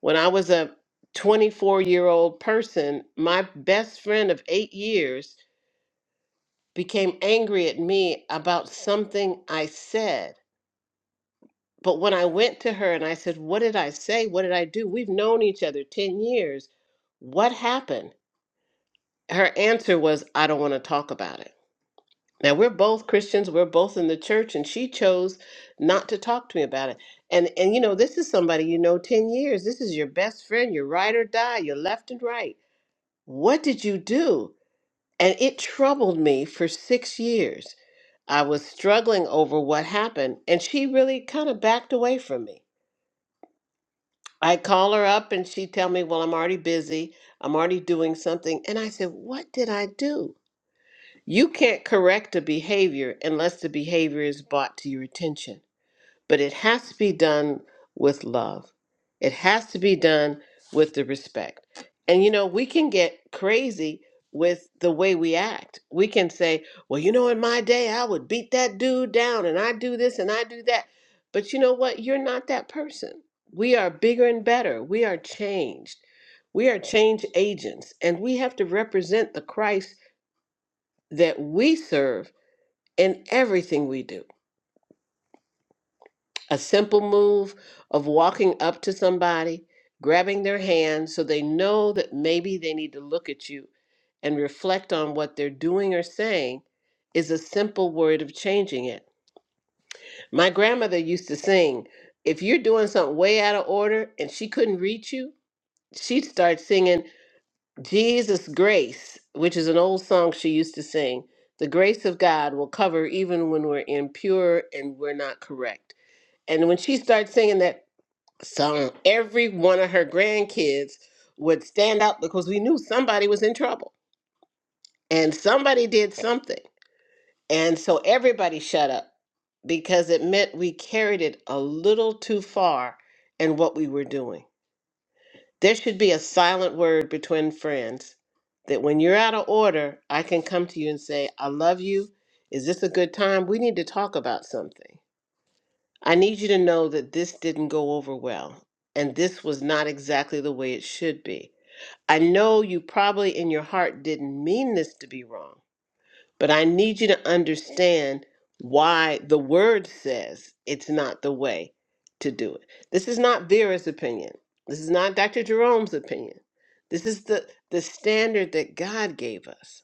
When I was a 24 year old person, my best friend of eight years became angry at me about something I said. But when I went to her and I said, What did I say? What did I do? We've known each other 10 years. What happened? Her answer was, I don't want to talk about it. Now, we're both Christians, we're both in the church, and she chose not to talk to me about it. And and you know, this is somebody you know 10 years. This is your best friend, your ride or die, your left and right. What did you do? And it troubled me for 6 years. I was struggling over what happened, and she really kind of backed away from me. I call her up and she tell me, "Well, I'm already busy. I'm already doing something." And I said, "What did I do?" You can't correct a behavior unless the behavior is brought to your attention. But it has to be done with love, it has to be done with the respect. And you know, we can get crazy with the way we act. We can say, well, you know, in my day, I would beat that dude down and I do this and I do that. But you know what? You're not that person. We are bigger and better. We are changed. We are change agents, and we have to represent the Christ that we serve in everything we do. A simple move of walking up to somebody, grabbing their hand so they know that maybe they need to look at you and reflect on what they're doing or saying is a simple word of changing it. My grandmother used to sing, if you're doing something way out of order and she couldn't reach you, she'd start singing Jesus Grace, which is an old song she used to sing. The grace of God will cover even when we're impure and we're not correct. And when she started singing that song, every one of her grandkids would stand up because we knew somebody was in trouble and somebody did something. And so everybody shut up because it meant we carried it a little too far in what we were doing. There should be a silent word between friends that when you're out of order, I can come to you and say, I love you. Is this a good time? We need to talk about something. I need you to know that this didn't go over well, and this was not exactly the way it should be. I know you probably in your heart didn't mean this to be wrong, but I need you to understand why the word says it's not the way to do it. This is not Vera's opinion. This is not Dr. Jerome's opinion. This is the, the standard that God gave us.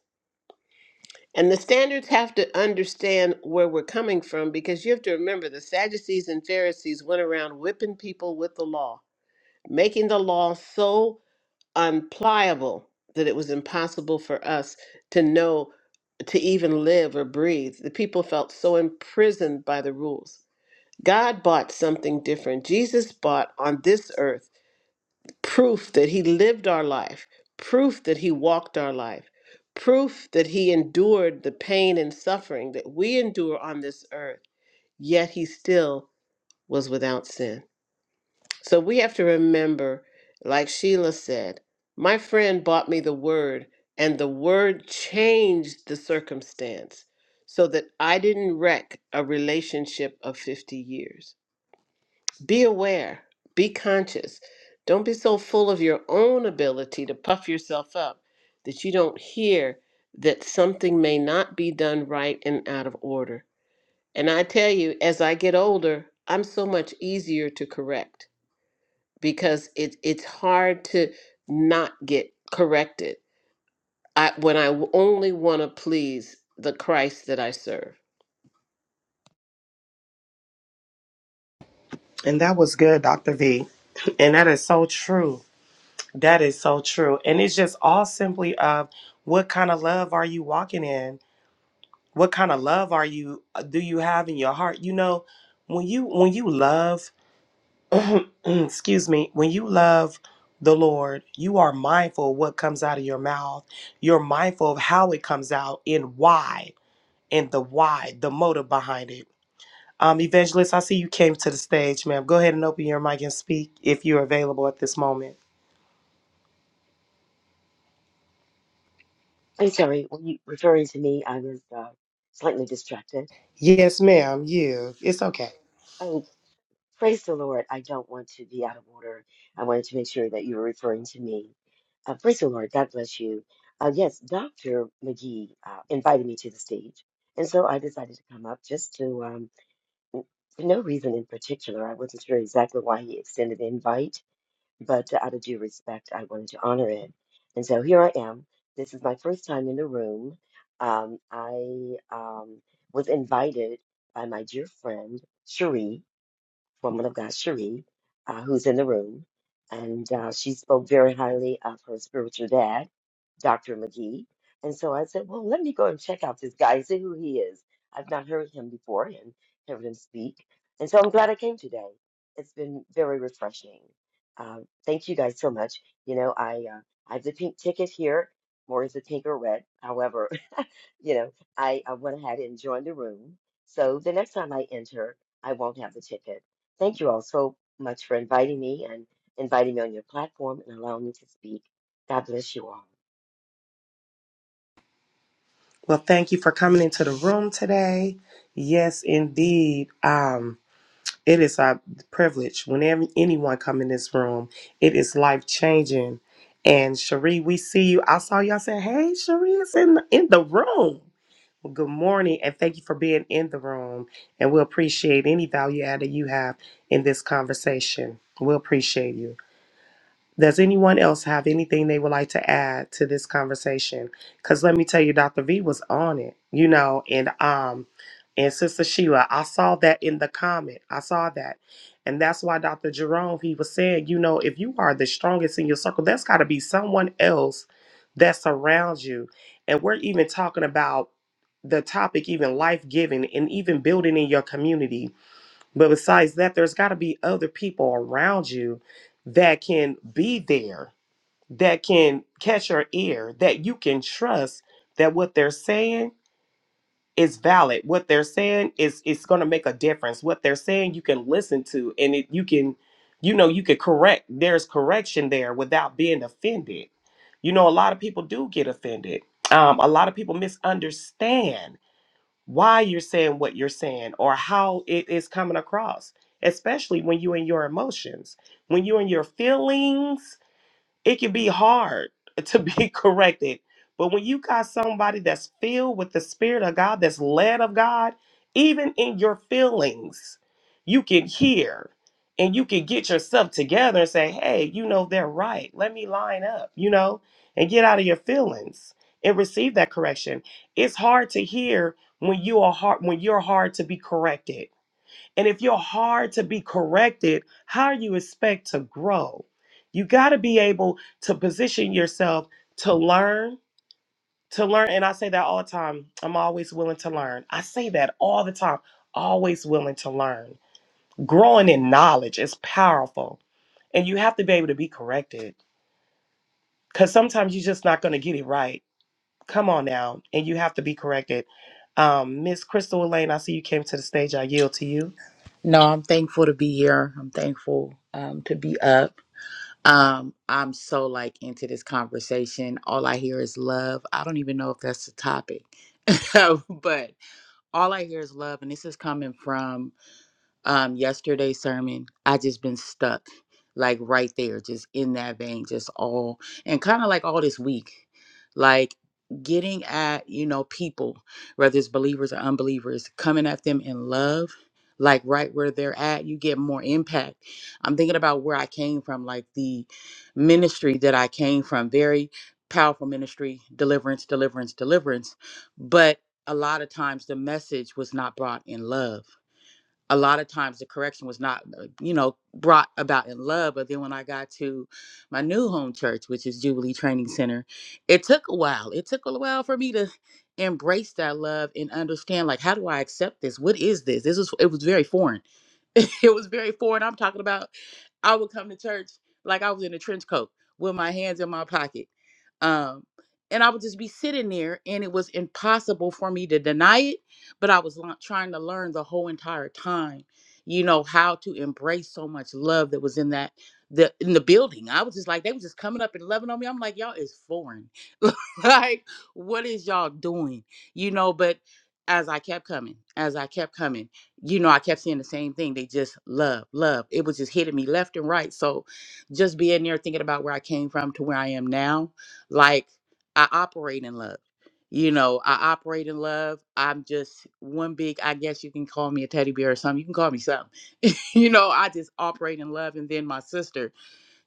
And the standards have to understand where we're coming from because you have to remember the Sadducees and Pharisees went around whipping people with the law, making the law so unpliable that it was impossible for us to know to even live or breathe. The people felt so imprisoned by the rules. God bought something different. Jesus bought on this earth proof that he lived our life, proof that he walked our life, proof that he endured the pain and suffering that we endure on this earth, yet he still was without sin. So we have to remember, like Sheila said, my friend bought me the word, and the word changed the circumstance so that I didn't wreck a relationship of 50 years. Be aware, be conscious. Don't be so full of your own ability to puff yourself up that you don't hear that something may not be done right and out of order. And I tell you, as I get older, I'm so much easier to correct because it, it's hard to not get corrected. I, when I only want to please the Christ that I serve. and that was good dr v (clears throat) and that is so true that is so true and it's just all simply of what kind of love are you walking in what kind of love are you uh, do you have in your heart you know when you when you love (clears throat) excuse me when you love the lord you are mindful of what comes out of your mouth you're mindful of how it comes out and why and the why the motive behind it um evangelist i see you came to the stage ma'am go ahead and open your mic and speak if you're available at this moment I'm sorry, were you referring to me? I was uh, slightly distracted. yes ma'am you it's okay Oh, praise the Lord. I don't want to be out of order. I wanted to make sure that you were referring to me. Uh, praise the Lord. God bless you. Uh, yes, Dr. McGee uh, invited me to the stage. And so I decided to come up just to, um, for no reason in particular. I wasn't sure exactly why he extended the invite but out of due respect, I wanted to honor it. And so here I am. This is my first time in the room. Um, I um, was invited by my dear friend, Cherie woman of God, Cherie, uh, who's in the room, and uh, she spoke very highly of her spiritual dad, Dr. McGee. And so I said, well, let me go and check out this guy, see who he is. I've not heard him before and heard him speak. And so I'm glad I came today. It's been very refreshing. Uh, thank you guys so much. You know, I uh, I have the pink ticket here. More is the pink or red. However, you know, I, I went ahead and joined the room. So the next time I enter, I won't have the ticket. Thank you all so much for inviting me and inviting me on your platform and allowing me to speak. God bless you all. well thank you for coming into the room today yes indeed um It is our privilege. Whenever anyone come in this room, it is life changing. And Cherie, we see you. I saw y'all say, "Hey, Cherie is in the, in the room." Well, good morning, and thank you for being in the room. And we appreciate any value added you have in this conversation. We appreciate you. Does anyone else have anything they would like to add to this conversation? Because let me tell you, Dr. V was on it, you know, and um, and Sister Sheila, I saw that in the comment. I saw that, and that's why Dr. Jerome he was saying, you know, if you are the strongest in your circle, that's got to be someone else that surrounds you. And we're even talking about the topic, even life giving, and even building in your community but besides that, there's got to be other people around you that can be there, that can catch your ear, that you can trust that what they're saying is valid. What they're saying is it's going to make a difference. What they're saying you can listen to and it, you can you know you can correct. There's correction there without being offended. You know a lot of people do get offended. Um, a lot of people misunderstand why you're saying what you're saying or how it is coming across, especially when you're in your emotions, when you're in your feelings it can be hard to be (laughs) corrected. But when you got somebody that's filled with the Spirit of God, that's led of God, even in your feelings, you can hear and you can get yourself together and say, hey, you know, they're right. Let me line up, you know, and get out of your feelings and receive that correction. It's hard to hear when you are hard when you're hard to be corrected and if you're hard to be corrected, how do you expect to grow? You got to be able to position yourself to learn, to learn. And I say that all the time. I'm always willing to learn. I say that all the time. Always willing to learn. Growing in knowledge is powerful. And you have to be able to be corrected because sometimes you're just not going to get it right. Come on now. And you have to be corrected. Um, Miss Crystal Elaine, I see you came to the stage. I yield to you. No, I'm thankful to be here. I'm thankful um, to be up. Um, I'm so like into this conversation. All I hear is love. I don't even know if that's the topic, (laughs) but all I hear is love. And this is coming from um yesterday's sermon i just been stuck like right there just in that vein just all and kind of like all this week like getting at you know people whether it's believers or unbelievers coming at them in love like right where they're at you get more impact i'm thinking about where i came from like the ministry that i came from very powerful ministry deliverance deliverance deliverance but a lot of times the message was not brought in love a lot of times the correction was not uh, you know brought about in love but then when i got to my new home church which is jubilee training center it took a while it took a while for me to embrace that love and understand like how do i accept this what is this this is it was very foreign (laughs) it was very foreign i'm talking about I would come to church like I was in a trench coat with my hands in my pocket. Um, and I would just be sitting there, and it was impossible for me to deny it. But I was lo- trying to learn the whole entire time, you know, how to embrace so much love that was in that the in the building. I was just like, they was just coming up and loving on me. I'm like, y'all is foreign. (laughs) like, what is y'all doing? You know, but as I kept coming, as I kept coming you know, I kept seeing the same thing. They just love, love. It was just hitting me left and right. So just being there thinking about where I came from to where I am now, like I operate in love. You know, I operate in love. I'm just one big, I guess you can call me a teddy bear or something. You can call me something. (laughs) You know, I just operate in love. And then my sister,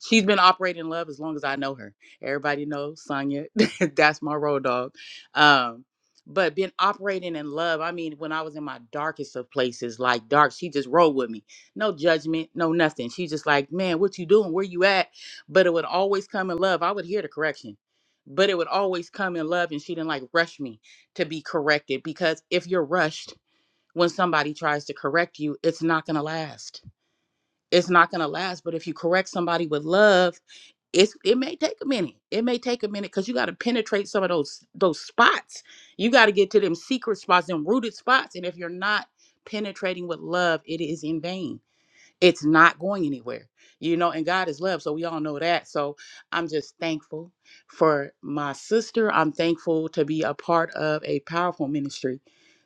She's been operating in love as long as I know her. Everybody knows Sonya. (laughs) That's my road dog. Um, but been operating in love. I mean, when I was in my darkest of places, like dark, she just rolled with me. No judgment, no nothing. She just like, man, what you doing? Where you at? But it would always come in love. I would hear the correction, but it would always come in love. And she didn't like rush me to be corrected because if you're rushed when somebody tries to correct you, it's not going to last. It's not going to last. But if you correct somebody with love, it's it may take a minute. It may take a minute because you got to penetrate some of those those spots. You got to get to them secret spots, them rooted spots. And if you're not penetrating with love, it is in vain it's not going anywhere you know and god is love so we all know that so i'm just thankful for my sister i'm thankful to be a part of a powerful ministry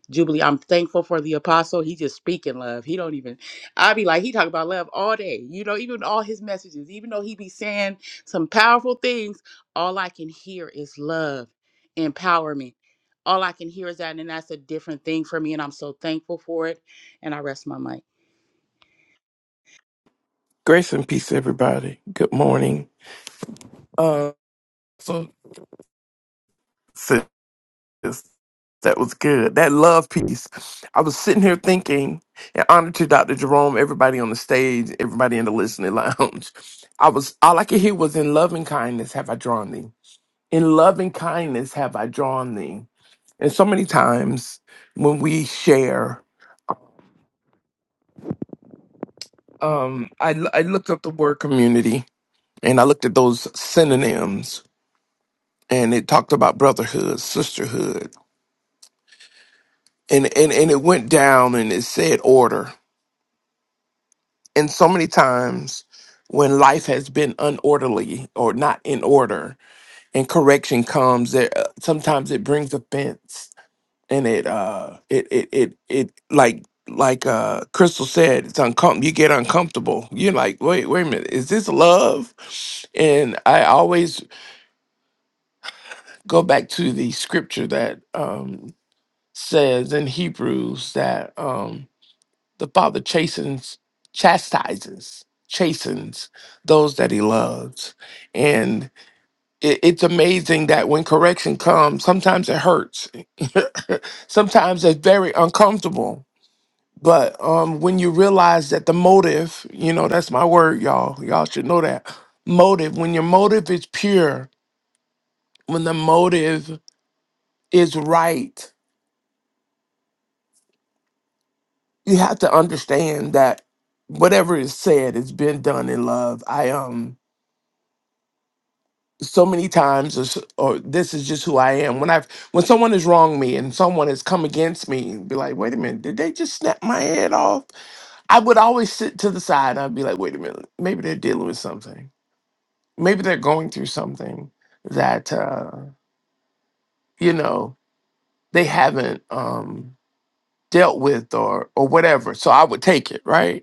jubilee i'm thankful for the apostle he just speaking love he don't even i be like he talk about love all day you know even all his messages even though he be saying some powerful things all i can hear is love empowerment all i can hear is that and that's a different thing for me and i'm so thankful for it and i rest my mic Grace and peace, everybody. Good morning. Uh so Yes, That was good. That love piece. I was sitting here thinking, in honor to Dr. Jerome, everybody on the stage, everybody in the listening (laughs) lounge. I was all I could hear was in loving kindness have I drawn thee. In loving kindness have I drawn thee. And so many times when we share, um, I l- I looked up the word community and I looked at those synonyms and it talked about brotherhood, sisterhood, and and and it went down and it said order And so many times when life has been unorderly or not in order and correction comes, there uh, sometimes it brings offense and it uh it it it, it like like uh Crystal said, it's uncomfortable. You get uncomfortable. You're like, wait, wait a minute, is this love? And I always go back to the scripture that um says in Hebrews that um The Father chastens, chastises, chastens those that He loves. And it, it's amazing that when correction comes, sometimes it hurts, (laughs) sometimes it's very uncomfortable. But um, when you realize that the motive, you know, that's my word, y'all, y'all should know that motive, when your motive is pure, when the motive is right, you have to understand that whatever is said is been done in love. I um so many times or, s- or this is just who i am when i've when someone has wronged me and someone has come against me and be like wait a minute did they just snap my head off i would always sit to the side and i'd be like wait a minute maybe they're dealing with something maybe they're going through something that uh you know they haven't um dealt with or or whatever so i would take it right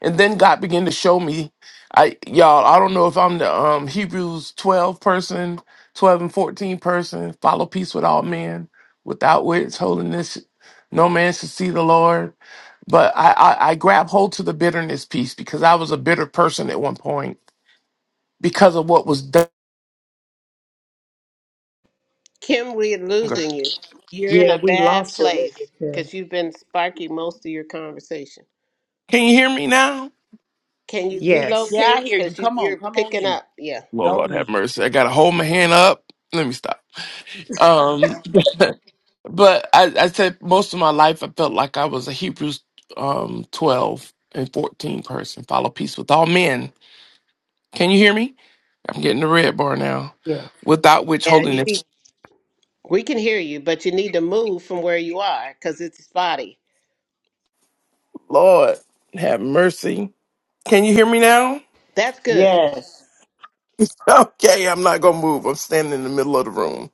And then God began to show me, I y'all, I don't know if I'm the um, Hebrews 12 person, 12 and 14 person, follow peace with all men, without which holiness, no man should see the Lord. But I, I, I grab hold to the bitterness piece because I was a bitter person at one point because of what was done. Kim, we're Can losing you. You're in Yeah, a we bad lost you a little place bit, Kim. because you've been sparky most of your conversation. you hear me now? Can you Yes. Yeah, I relocate? hear you. Because you, Come on, you're come on picking in. up. Yeah. Go Lord have in. mercy. I gotta hold my hand up. Let me stop. Um (laughs) But I, I said most of my life I felt like I was a Hebrews um, 12 and 14 person. Follow peace with all men. Can you hear me? I'm getting the red bar now. Yes. Without which Yeah. You holiness, need, we can hear you, but you need to move from where you are because it's spotty. Lord, have mercy. Can you hear me now? That's good. Yes. (laughs) Okay, I'm not gonna move. I'm standing in the middle of the room.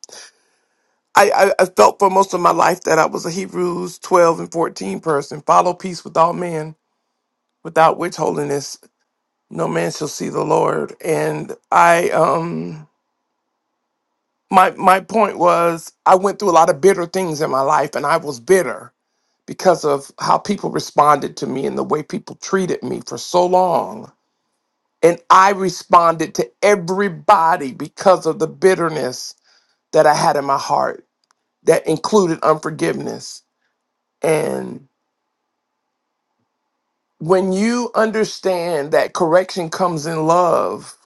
I, I, I felt for most of my life that I was a Hebrews 12 and 14 person. Follow peace with all men, without which holiness no man shall see the Lord. And I um my my point was I went through a lot of bitter things in my life and I was bitter because of how people responded to me and the way people treated me for so long and I responded to everybody because of the bitterness that I had in my heart that included unforgiveness and when you understand that correction comes in love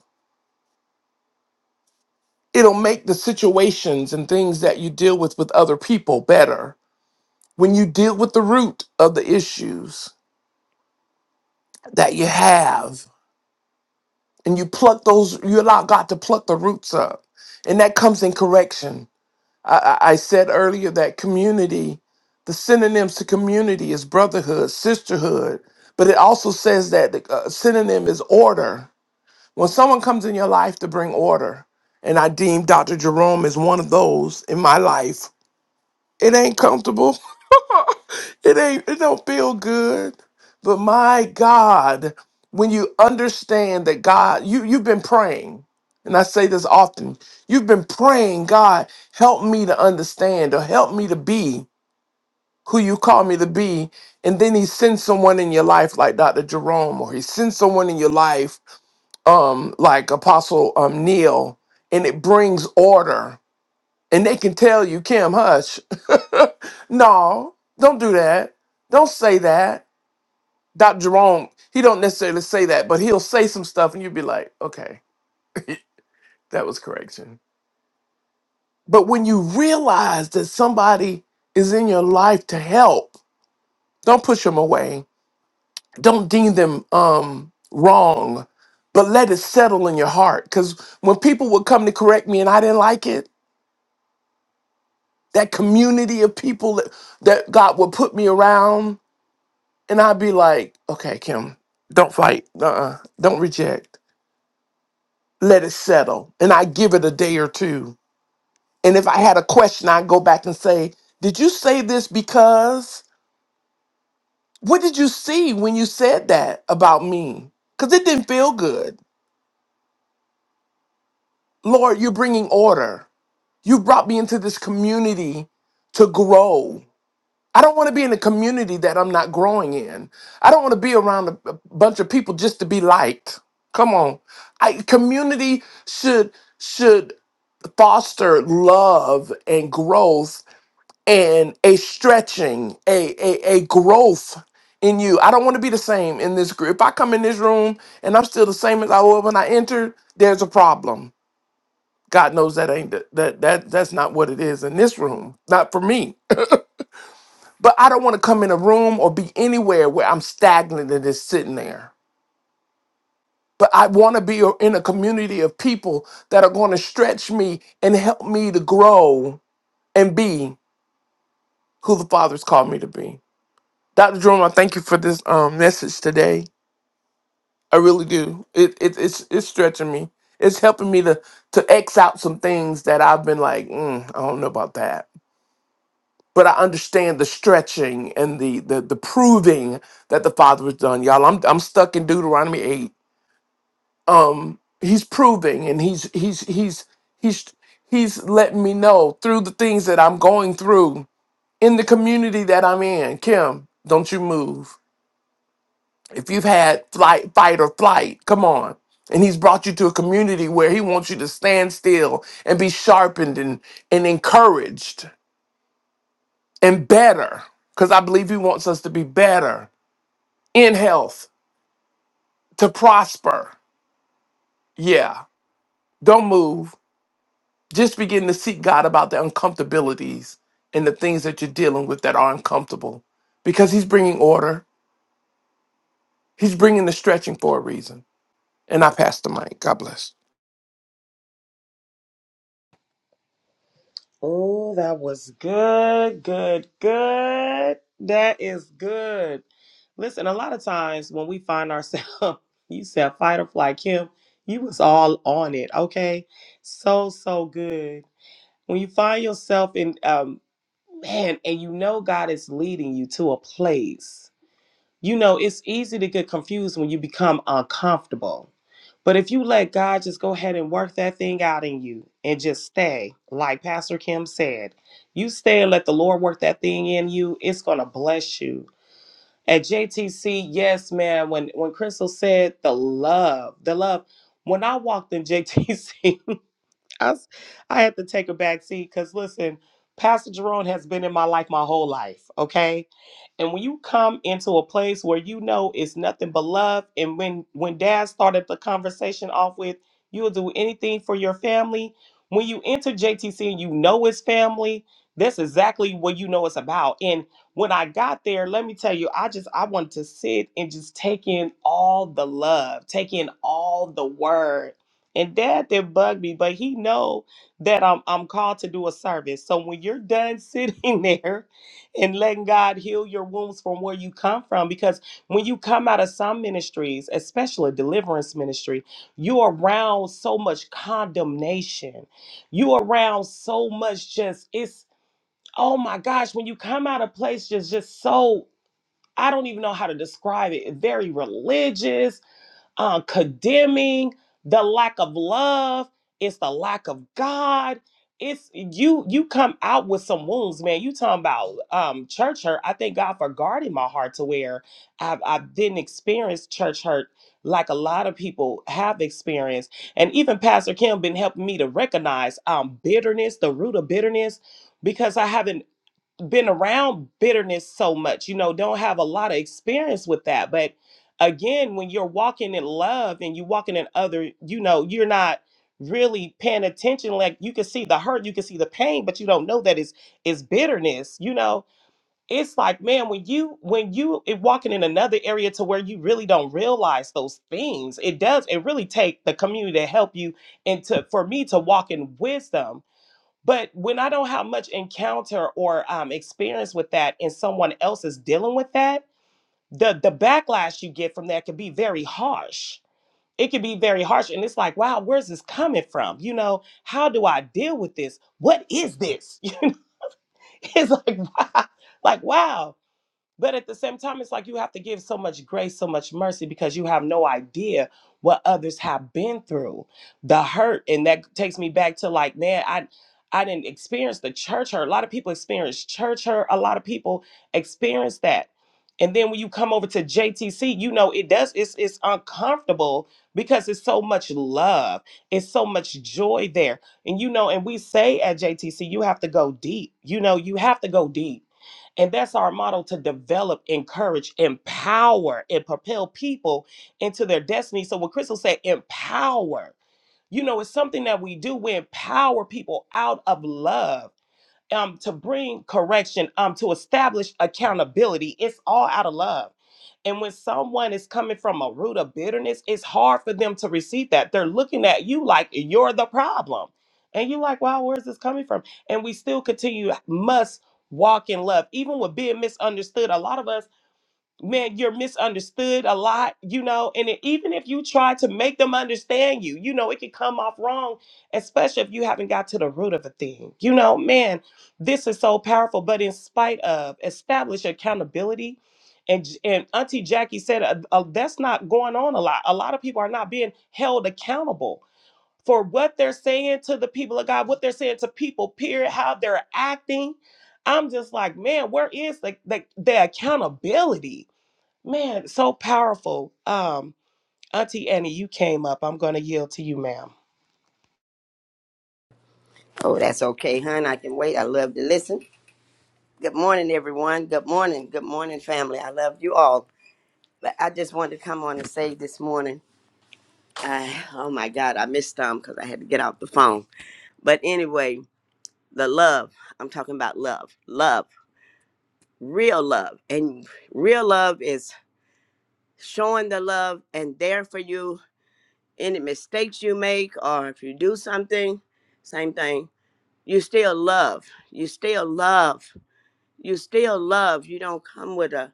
it'll make the situations and things that you deal with with other people better when you deal with the root of the issues that you have and you pluck those you allow god to pluck the roots up and that comes in correction i, I I said earlier that community the synonyms to community is brotherhood sisterhood but it also says that the uh, synonym is order when someone comes in your life to bring order and i deem dr jerome as one of those in my life it ain't comfortable It ain't it don't feel good. But my God, when you understand that God, you you've been praying. And I say this often. You've been praying, God, help me to understand or help me to be who you call me to be. And then he sends someone in your life like Dr. Jerome, or he sends someone in your life um, like Apostle um, Neil, and it brings order. And they can tell you, Kim, hush. (laughs) no, don't do that. Don't say that. Dr. Jerome, he don't necessarily say that, but he'll say some stuff and you'll be like, okay, that was correction. But when you realize that somebody is in your life to help, don't push them away. Don't deem them um, wrong, but let it settle in your heart. Because when people would come to correct me and I didn't like it, that community of people that, that God would put me around, and I'd be like, okay, Kim, don't fight. Uh-uh. Don't reject let it settle and I give it a day or two. And if I had a question, I'd go back and say, Did you say this because? What did you see when you said that about me? Because it didn't feel good. Lord, you're bringing order. You brought me into this community to grow. I don't want to be in a community that I'm not growing in. I don't want to be around a, a bunch of people just to be liked. Come on. I, community should should foster love and growth and a stretching, a, a, a growth in you. I don't want to be the same in this group. If I come in this room and I'm still the same as I was when I entered, there's a problem. God knows that ain't the, that that that's not what it is in this room. Not for me. (laughs) But I don't want to come in a room or be anywhere where I'm stagnant and just sitting there. But I want to be in a community of people that are going to stretch me and help me to grow and be who the Father's called me to be. Dr. Jerome, I thank you for this um, message today. I really do. It, it it's it's stretching me. It's helping me to to X out some things that I've been like, mm, I don't know about that. But I understand the stretching and the the the proving that the Father has done. Y'all, I'm I'm stuck in Deuteronomy 8. Um he's proving and he's he's he's he's he's letting me know through the things that I'm going through in the community that I'm in. Kim, don't you move If you've had flight, fight or flight, come on. And he's brought you to a community where he wants you to stand still and be sharpened and, and encouraged and better. Because I believe he wants us to be better in health, to prosper. Yeah. Don't move. Just begin to seek God about the uncomfortabilities and the things that you're dealing with that are uncomfortable because he's bringing order. He's bringing the stretching for a reason. And I pass the mic. God bless. Oh, that was good, good, good. That is good. Listen, a lot of times when we find ourselves, (laughs) you said fight or flight, Kim, you was all on it, okay? So, so good. When you find yourself in, um. man and you know god is leading you to a place you know it's easy to get confused when you become uncomfortable but if you let god just go ahead and work that thing out in you and just stay like pastor kim said you stay and let the lord work that thing in you it's gonna bless you at jtc yes man when when crystal said the love the love when i walked in jtc (laughs) I, s- I had to take a back seat because listen, Pastor Jerome has been in my life my whole life. Okay and when you come into a place where you know it's nothing but love, and when when Dad started the conversation off with, you'll do anything for your family. When you enter JTC and you know it's family, that's exactly what you know it's about. And when I got there, let me tell you, I just I wanted to sit and just take in all the love, take in all the word. And Dad did not bug me, but he know that I'm I'm called to do a service. So when you're done sitting (laughs) there and letting God heal your wounds from where you come from. Because when you come out of some ministries, especially deliverance ministry, you are around so much condemnation. You are around so much just it's oh my gosh, when you come out of place just just so I don't even know how to describe it. Very religious uh, condemning, the lack of love, it's the lack of God. It's you you come out with some wounds, man. You talking about um church hurt. I thank God for guarding my heart to where I've I didn't experience church hurt like a lot of people have experienced. And even Pastor Kim been helping me to recognize um bitterness, the root of bitterness, because I haven't been around bitterness so much, you know, don't have a lot of experience with that. But again, when you're walking in love and you walking in other, you know, you're not really paying attention. Like you can see the hurt, you can see the pain, but you don't know that it's it's bitterness, you know. It's like, man, when you when you it walking in another area to where you really don't realize those things, it does, it really take the community to help you and to for me to walk in wisdom but when I don't have much encounter or um, experience with that, and someone else is dealing with that, the the backlash you get from that can be very harsh. It can be very harsh, and it's like, wow, where's this coming from? You know, how do I deal with this? What is this? (laughs) You know, it's like, (laughs) wow, like wow. But at the same time, it's like you have to give so much grace, so much mercy because you have no idea what others have been through, the hurt. And that takes me back to like, man, I I didn't experience the church hurt. A lot of people experience church hurt. A lot of people experience that. And then when you come over to JTC, you know it does. It's it's uncomfortable because it's so much love, it's so much joy there, and you know. And we say at JTC, you have to go deep. You know, you have to go deep and that's our model to develop, encourage, empower, and propel people into their destiny. So, what Crystal said, empower, you know, it's something that we do. We empower people out of love um, to bring correction, um, to establish accountability. It's all out of love. And when someone is coming from a root of bitterness, it's hard for them to receive that. They're looking at you like you're the problem. And you're like, wow, where's this coming from? And we still continue, must walk in love. Even with being misunderstood, a lot of us man, you're misunderstood a lot, you know, and it, even if you try to make them understand you, you know, it can come off wrong, especially if you haven't got to the root of a thing. You know, man, this is so powerful. But in spite of, establish accountability. And, J- and Auntie Jackie said uh, uh, that's not going on a lot. A lot of people are not being held accountable for what they're saying to the people of God, what they're saying to people, period, how they're acting. I'm just like, man, where is the, the, the accountability? Man, so powerful. Um, Auntie Annie, you came up. I'm going to yield to you, ma'am. Oh, that's okay, hon. I can wait. I love to listen. Good morning, everyone. Good morning. Good morning, family. I love you all. But I just wanted to come on and say this morning. I, oh my God, I missed Tom because I had to get off the phone. But anyway, the love. I'm talking about love. Love. Real love. And real love is showing the love and there for you. Any mistakes you make or if you do something, same thing. You still love. You still love you still love. You don't come with a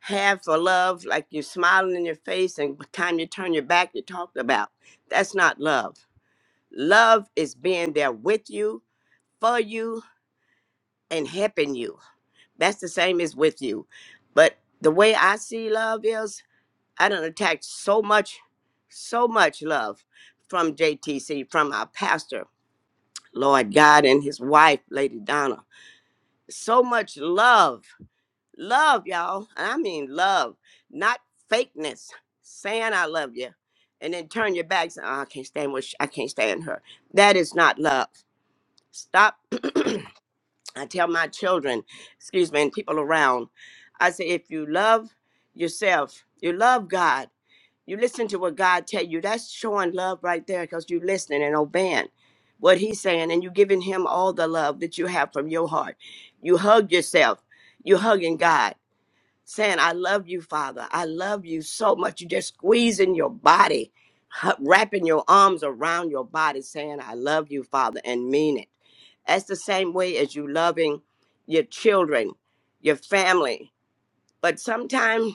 half a love, like you're smiling in your face, and by the time you turn your back, you talked about. That's not love. Love is being there with you, for you, and helping you. That's the same as with you. But the way I see love is, I don't attach so much, so much love from JTC, from our pastor, Lord God, and his wife, Lady Donna. So much love Love, y'all. And I mean love, not fakeness. Saying I love you, and then turn your back. Say, oh, I can't stand what she, I can't stand her. That is not love. Stop. I tell my children, excuse me, and people around. I say, if you love yourself, you love God. You listen to what God tell you. That's showing love right there, because you listening and obeying what He's saying, and you giving Him all the love that you have from your heart. You hug yourself. You hugging God saying, I love you, Father. I love you so much. You just squeezing your body, (laughs) wrapping your arms around your body, saying, I love you, Father, and mean it. That's the same way as you loving your children, your family. But sometimes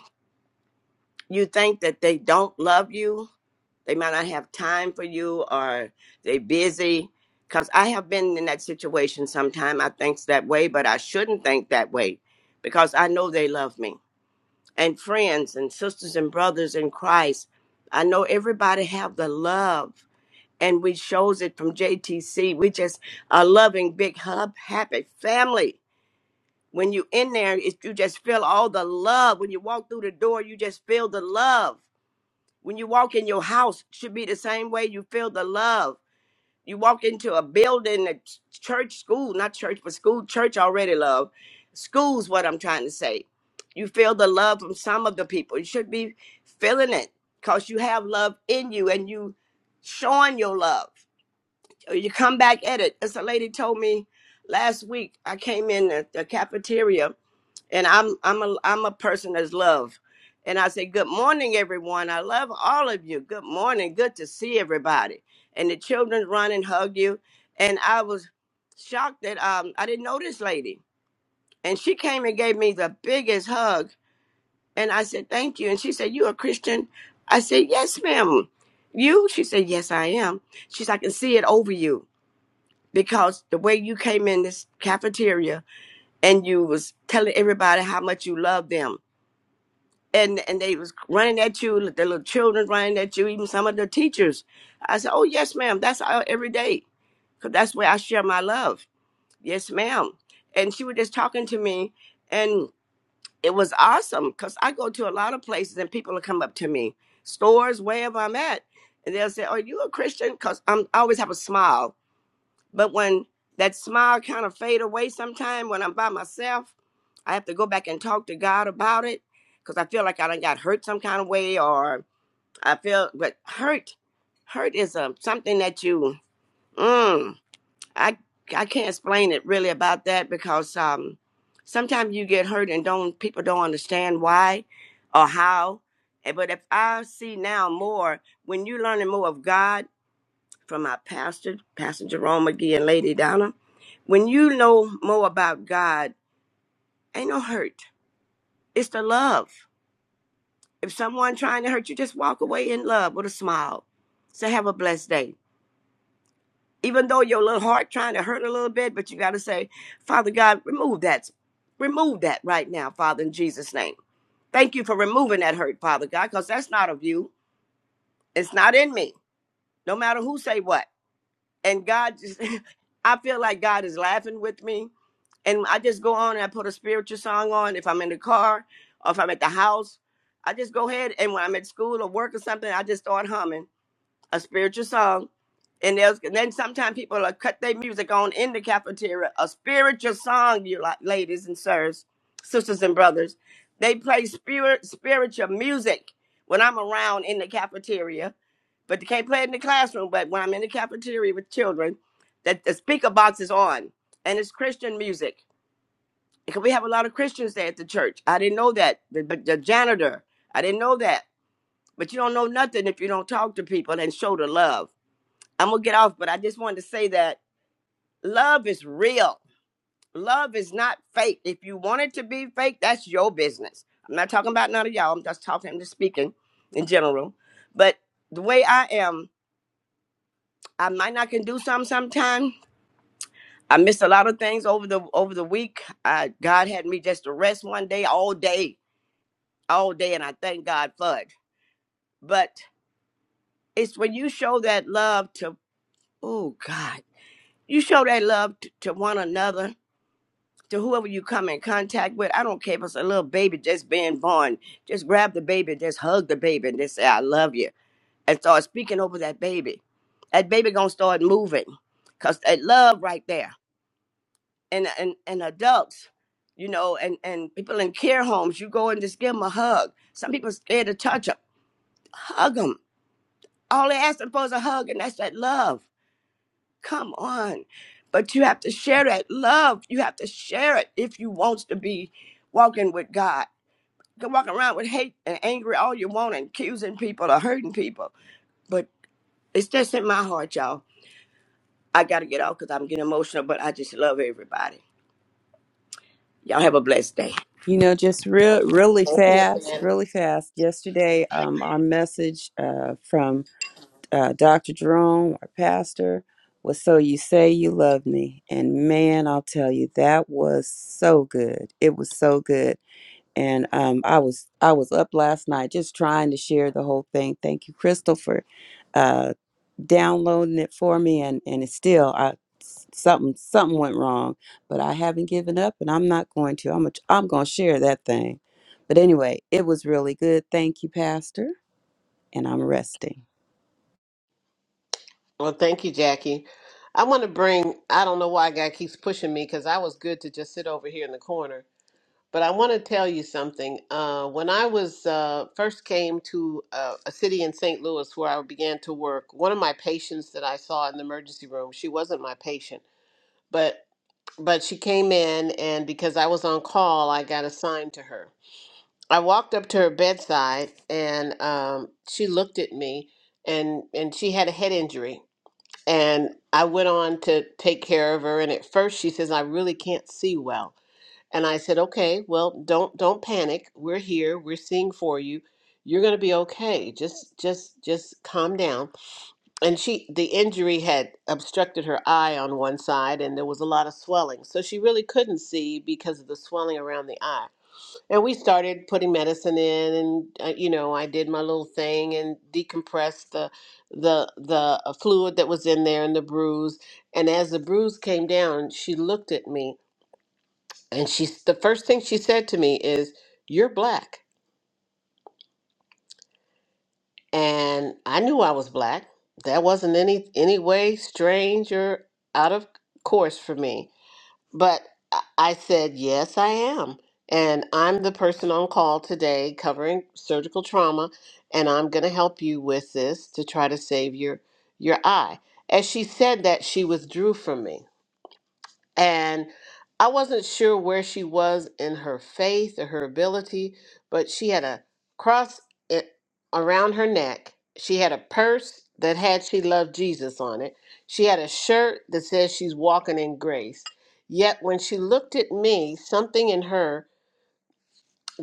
you think that they don't love you. They might not have time for you or they busy. Because I have been in that situation sometime. I think that way, but I shouldn't think that way because I know they love me and friends and sisters and brothers in Christ. I know everybody have the love and we shows it from JTC. We just a loving big hub happy family. When you in there, it, you just feel all the love. When you walk through the door, you just feel the love. When you walk in your house, it should be the same way you feel the love you walk into a building, a ch- church, school, not church, but school, church already love. School's what I'm trying to say. You feel the love from some of the people. You should be feeling it because you have love in you and you showing your love. Uh, You come back at it. As a lady told me last week, I came in the, the cafeteria and I'm I'm a I'm a person that's love. And I say, Good morning, everyone. I love all of you. Good morning. Good to see everybody. And the children run and hug you. And I was shocked that um I didn't know this lady. And she came and gave me the biggest hug. And I said, Thank you. And she said, You a Christian? I said, Yes, ma'am. You? She said, Yes, I am. She said, I can see it over you. Because the way you came in this cafeteria and you was telling everybody how much you love them and and they was running at you, the little children running at you, even some of the teachers. I said, "Oh yes, ma'am. That's our every day, 'cause that's where I share my love." Yes, ma'am. And she was just talking to me, and it was awesome because I go to a lot of places and people will come up to me, stores, wherever I'm at, and they'll say, "Are you a Christian?" Because I'm I always have a smile but when that smile kind of fade away sometime when I'm by myself, I have to go back and talk to God about it because I feel like I done got hurt some kind of way or I feel but hurt hurt is a, something that you mm, I I can't explain it really about that because um sometimes you get hurt and don't people don't understand why or how. But if I see now more when you're learning more of God from our pastor, Pastor Jerome McGee and Lady Donna. When you know more about God, ain't no hurt. It's the love. If someone trying to hurt you, just walk away in love with a smile. Say, have a blessed day. Even though your little heart trying to hurt a little bit, but you got to say, Father God, remove that. Remove that right now, Father, in Jesus' name. Thank you for removing that hurt, Father God, because that's not of you. It's not in me. No matter who say what. and God just (laughs) I feel like God is laughing with me. And I just go on and I put a spiritual song on if I'm in the car or if I'm at the house. I just go ahead and when I'm at school or work or something, I just start humming a spiritual song. And there's and then sometimes people will cut their music on in the cafeteria. A spiritual song, you like ladies and sirs, sisters and brothers. They play spirit spiritual music when I'm around in the cafeteria but they can't play it in the classroom. But when I'm in the cafeteria with children, that the speaker box is on, and it's Christian music because we have a lot of Christians there at the church. I didn't know that, the, but the janitor, I didn't know that. But you don't know nothing if you don't talk to people and show the love. I'm gonna get off, but I just wanted to say that love is real. Love is not fake. If you want it to be fake, that's your business. I'm not talking about none of y'all. I'm just talking, I'm just speaking in general. But the way I am, I might not can do something sometime. I missed a lot of things over the over the week. I, God had me just to rest one day, all day, all day, and I thank God for it. But it's when you show that love to oh God, you show that love t- to one another, to whoever you come in contact with. I don't care if it's a little baby just being born. Just grab the baby, just hug the baby, and just say I love you, and start speaking over that baby. That baby gonna start moving, cause that love right there. and and, and adults, you know, and, and people in care homes, you go and just give them a hug. Some people are scared to touch them. Hug them. All they ask them for is a hug, and that's that love. Come on. But you have to share that love. You have to share it if you wants to be walking with God. You can walk around with hate and angry all you want and accusing people or hurting people. But it's just in my heart, y'all. I got to get off because I'm getting emotional, but I just love everybody. Y'all have a blessed day. You know, just real, really Thank you, Miss fast, Anna. really fast. Yesterday, um, our message uh, from uh, Dr. Jerome, our pastor, was "So you say you love me," and man, I'll tell you, that was so good. It was so good and um, I was I was up last night just trying to share the whole thing. Thank you, Crystal, for uh, downloading it for me, and and it's still I s- something something went wrong, but I haven't given up, and I'm not going to. I'm a, I'm going to share that thing. But anyway, it was really good. Thank you, Pastor, and I'm resting. Well, thank you, Jackie. I want to bring, I don't know why God keeps pushing me because I was good to just sit over here in the corner But I want to tell you something. Uh, when I was uh, first came to uh, a city in St. Louis where I began to work, one of my patients that I saw in the emergency room, she wasn't my patient, but but she came in, and because I was on call, I got assigned to her. I walked up to her bedside, and um, she looked at me, and and she had a head injury, and I went on to take care of her. And at first, she says, "I really can't see well." And I said, "Okay, well, don't don't panic. We're here. We're seeing for you. You're going to be okay. Just just just calm down." And she the injury had obstructed her eye on one side and there was a lot of swelling. So she really couldn't see because of the swelling around the eye. And we started putting medicine in and uh, you know, I did my little thing and decompressed the the the uh, fluid that was in there and the bruise. And as the bruise came down, she looked at me and she's the first thing she said to me is you're black and i knew i was black that wasn't any any way strange or out of course for me but i I said yes i am and i'm the person on call today covering surgical trauma and i'm going to help you with this to try to save your your eye as she said that she withdrew from me And I wasn't sure where she was in her faith or her ability, but she had a cross i- around her neck. She had a purse that had She Loved Jesus on it. She had a shirt that says she's walking in grace. Yet when she looked at me, something in her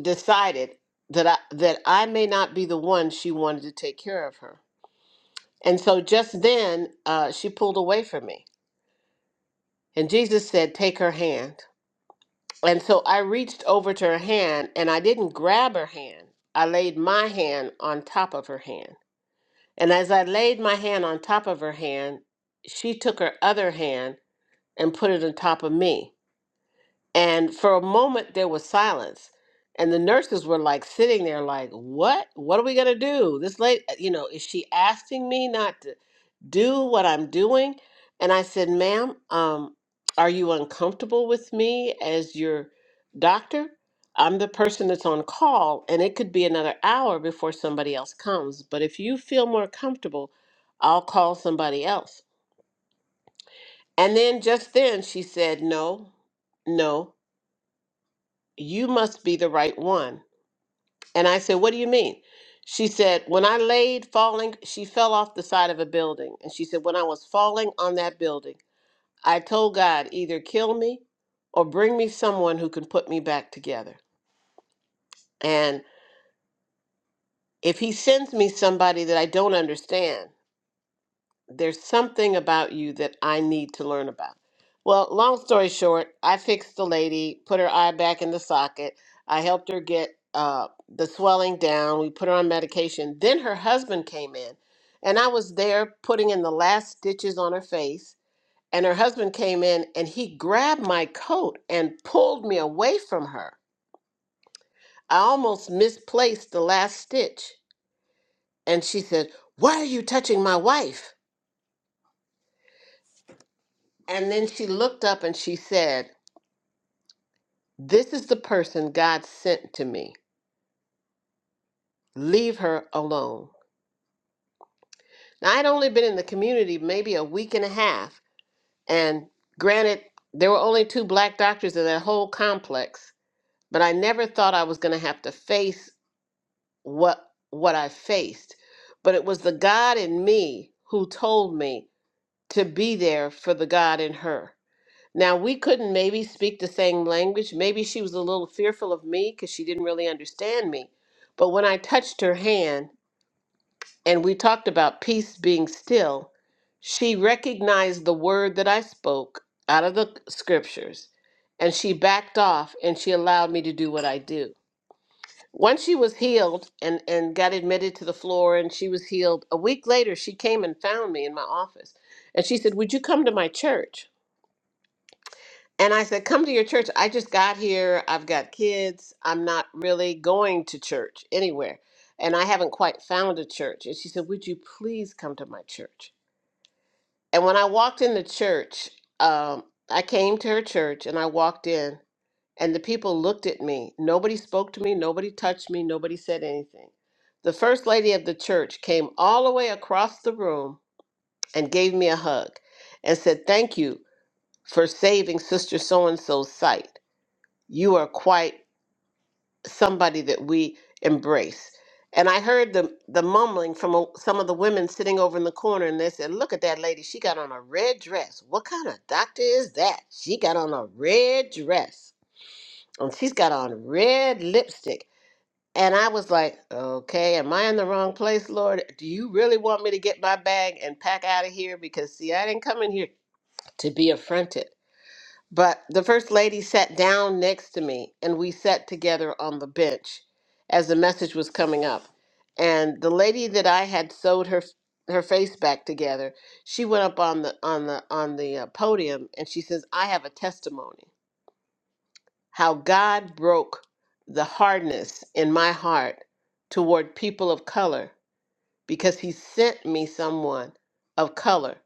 decided that I, that I may not be the one she wanted to take care of her. And so just then, uh, she pulled away from me. And Jesus said, Take her hand. And so I reached over to her hand and I didn't grab her hand. I laid my hand on top of her hand. And as I laid my hand on top of her hand, she took her other hand and put it on top of me. And for a moment, there was silence. And the nurses were like sitting there, like, what? What are we going to do? This lady, you know, is she asking me not to do what I'm doing? And I said, ma'am, um, are you uncomfortable with me as your doctor? I'm the person that's on call, and it could be another hour before somebody else comes. But if you feel more comfortable, I'll call somebody else. And then just then, she said, no, no you must be the right one. And I said, What do you mean? She said, When I laid falling, she fell off the side of a building. And she said, When I was falling on that building, I told God, either kill me or bring me someone who can put me back together. And if He sends me somebody that I don't understand, there's something about you that I need to learn about. Well, long story short, I fixed the lady, put her eye back in the socket. I helped her get uh, the swelling down. We put her on medication. Then her husband came in, and I was there putting in the last stitches on her face. And her husband came in and he grabbed my coat and pulled me away from her. I almost misplaced the last stitch. And she said, Why are you touching my wife? And then she looked up and she said, This is the person God sent to me. Leave her alone. Now, I'd only been in the community maybe a week and a half, and granted, there were only two black doctors in that whole complex, but I never thought I was going to have to face what what I faced. But it was the God in me who told me to be there for the God in her. Now, we couldn't maybe speak the same language. Maybe she was a little fearful of me because she didn't really understand me. But when I touched her hand, and we talked about peace being still, she recognized the word that I spoke out of the scriptures and she backed off and she allowed me to do what I do. Once she was healed and, and got admitted to the floor and she was healed, a week later she came and found me in my office and she said, Would you come to my church? And I said, Come to your church. I just got here. I've got kids. I'm not really going to church anywhere. And I haven't quite found a church. And she said, Would you please come to my church? And when I walked in the church, um, I came to her church and I walked in, and the people looked at me. Nobody spoke to me, nobody touched me, nobody said anything. The first lady of the church came all the way across the room and gave me a hug and said, Thank you for saving Sister So and so's sight. You are quite somebody that we embrace. And I heard the the mumbling from a, some of the women sitting over in the corner, and they said, "Look at that lady! She got on a red dress. What kind of doctor is that? She got on a red dress, and she's got on red lipstick." And I was like, "Okay, am I in the wrong place, Lord? Do you really want me to get my bag and pack out of here? Because see, I didn't come in here to be affronted. But the First Lady sat down next to me and we sat together on the bench as the message was coming up. And the lady that I had sewed her her face back together, she went up on the on the on the uh, podium and she says, "I have a testimony how God broke the hardness in my heart toward people of color because he sent me someone of color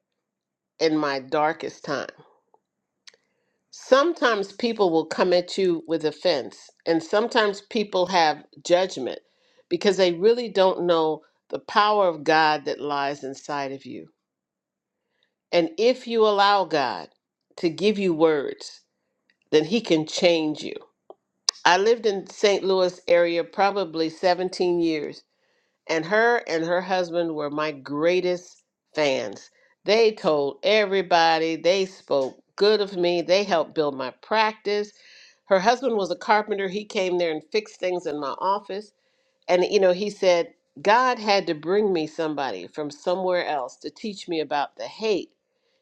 in my darkest time." sometimes people will come at you with offense, and sometimes people have judgment because they really don't know the power of God that lies inside of you. And if you allow God to give you words, then he can change you. I lived in St. Louis area probably 17 years and her and her husband were my greatest fans. They told everybody, they spoke good of me, they helped build my practice. Her husband was a carpenter. He came there and fixed things in my office. And, you know, he said, God had to bring me somebody from somewhere else to teach me about the hate.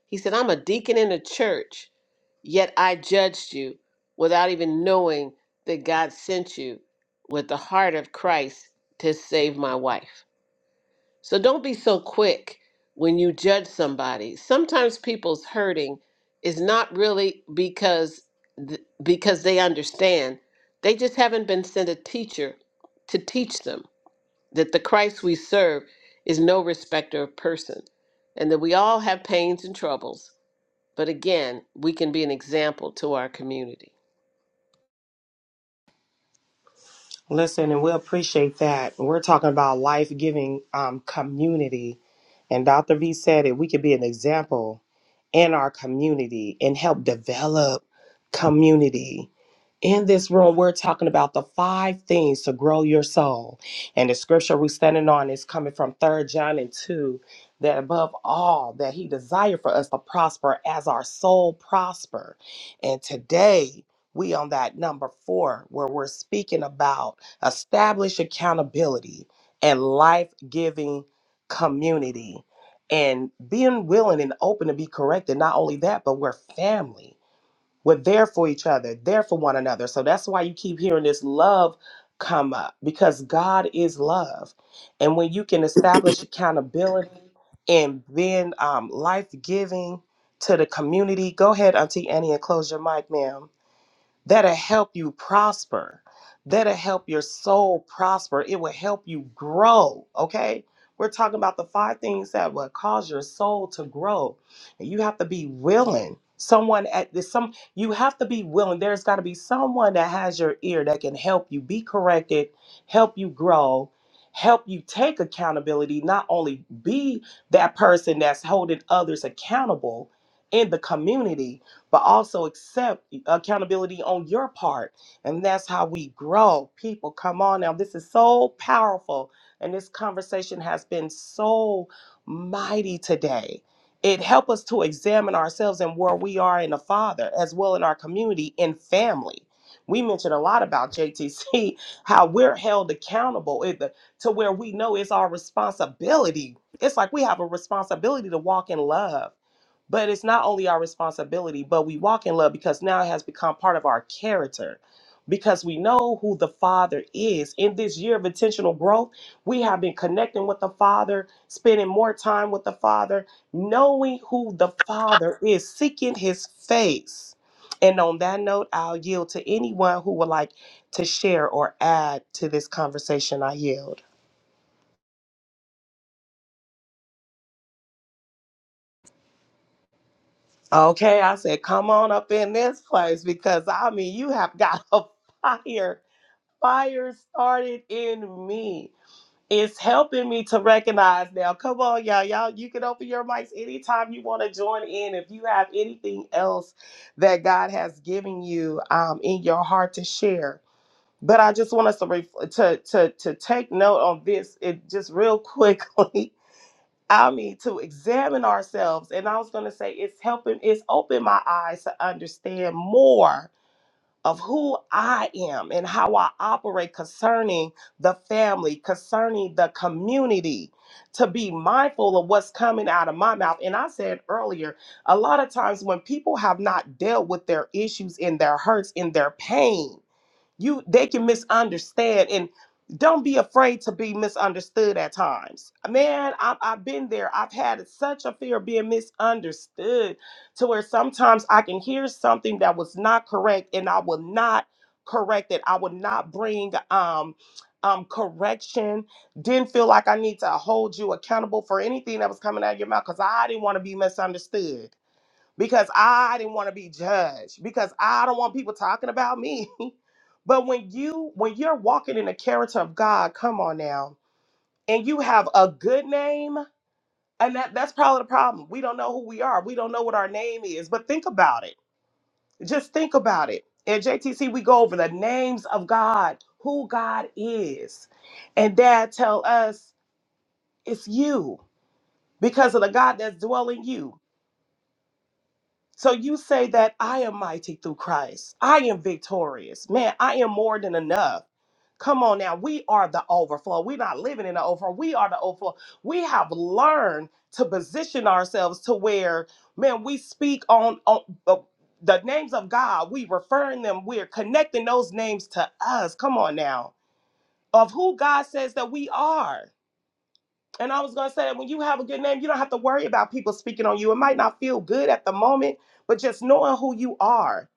He said, I'm a deacon in a church, yet I judged you without even knowing that God sent you with the heart of Christ to save my wife. So don't be so quick when you judge somebody. Sometimes people's hurting is not really because th- because they understand. They just haven't been sent a teacher to teach them that the Christ we serve is no respecter of person and that we all have pains and troubles. But again, we can be an example to our community. Listen, and we appreciate that. We're talking about life giving um, community. And Dr. V said it, we could be an example in our community and help develop community. In this room, we're talking about the five things to grow your soul. And the scripture we're standing on is coming from Third John and 2 that above all, that he desired for us to prosper as our soul prosper. And today, we on that number four, where we're speaking about establish accountability and life-giving community and being willing and open to be corrected. Not only that, but we're family. We're there for each other, there for one another. So that's why you keep hearing this love come up because God is love. And when you can establish accountability and being um, life giving to the community, go ahead, Auntie Annie, and close your mic, ma'am that'll help you prosper, that'll help your soul prosper. It will help you grow, okay? We're talking about the five things that will cause your soul to grow. And you have to be willing. Someone at this, some you have to be willing. There's got to be someone that has your ear that can help you be corrected, help you grow, help you take accountability. Not only be that person that's holding others accountable in the community, but also accept accountability on your part. And that's how we grow. People, come on now. This is so powerful. And this conversation has been so mighty today. It helps us to examine ourselves and where we are in the Father, as well in our community and family. We mentioned a lot about JTC, (laughs) how we're held accountable it- to where we know it's our responsibility. It's like we have a responsibility to walk in love but it's not only our responsibility, but we walk in love because now it has become part of our character. Because we know who the Father is. In this year of intentional growth, we have been connecting with the Father, spending more time with the Father, knowing who the Father is, seeking His face. And on that note, I'll yield to anyone who would like to share or add to this conversation. I yield. Okay, I said, come on up in this place because I mean, you have got (laughs) a fire fire started in me. It's helping me to recognize now. Come on, y'all. Y'all, you can open your mics anytime you want to join in. If you have anything else that God has given you um, in your heart to share. But I just want us to, ref- to, to, to take note on this it, just real quickly. (laughs) I mean, to examine ourselves. And I was going to say, it's helping, it's opened my eyes to understand more of who I am and how I operate concerning the family, concerning the community, to be mindful of what's coming out of my mouth. And I said earlier, a lot of times when people have not dealt with their issues and their hurts and their pain, you they can misunderstand and don't be afraid to be misunderstood at times man I, i've been there i've had such a fear of being misunderstood to where sometimes i can hear something that was not correct and i will not correct it i will not bring um um correction didn't feel like i need to hold you accountable for anything that was coming out of your mouth because i didn't want to be misunderstood because I didn't want to be judged because I don't want people talking about me. (laughs) but when you when you're walking in the character of God, come on now, and you have a good name, and that that's probably the problem. We don't know who we are. We don't know what our name is. But think about it. Just think about it. At JTC, we go over the names of God, who God is, and Dad tell us it's you because of the God that's dwelling you. So you say that I am mighty through Christ. I am victorious. Man, I am more than enough. Come on now. We are the overflow. We're not living in the overflow. We are the overflow. We have learned to position ourselves to where, man, we speak on, on uh, the names of God. We referring them. We're connecting those names to us. Come on now. Of who God says that we are. And I was going to say that when you have a good name, you don't have to worry about people speaking on you. It might not feel good at the moment, but just knowing who you are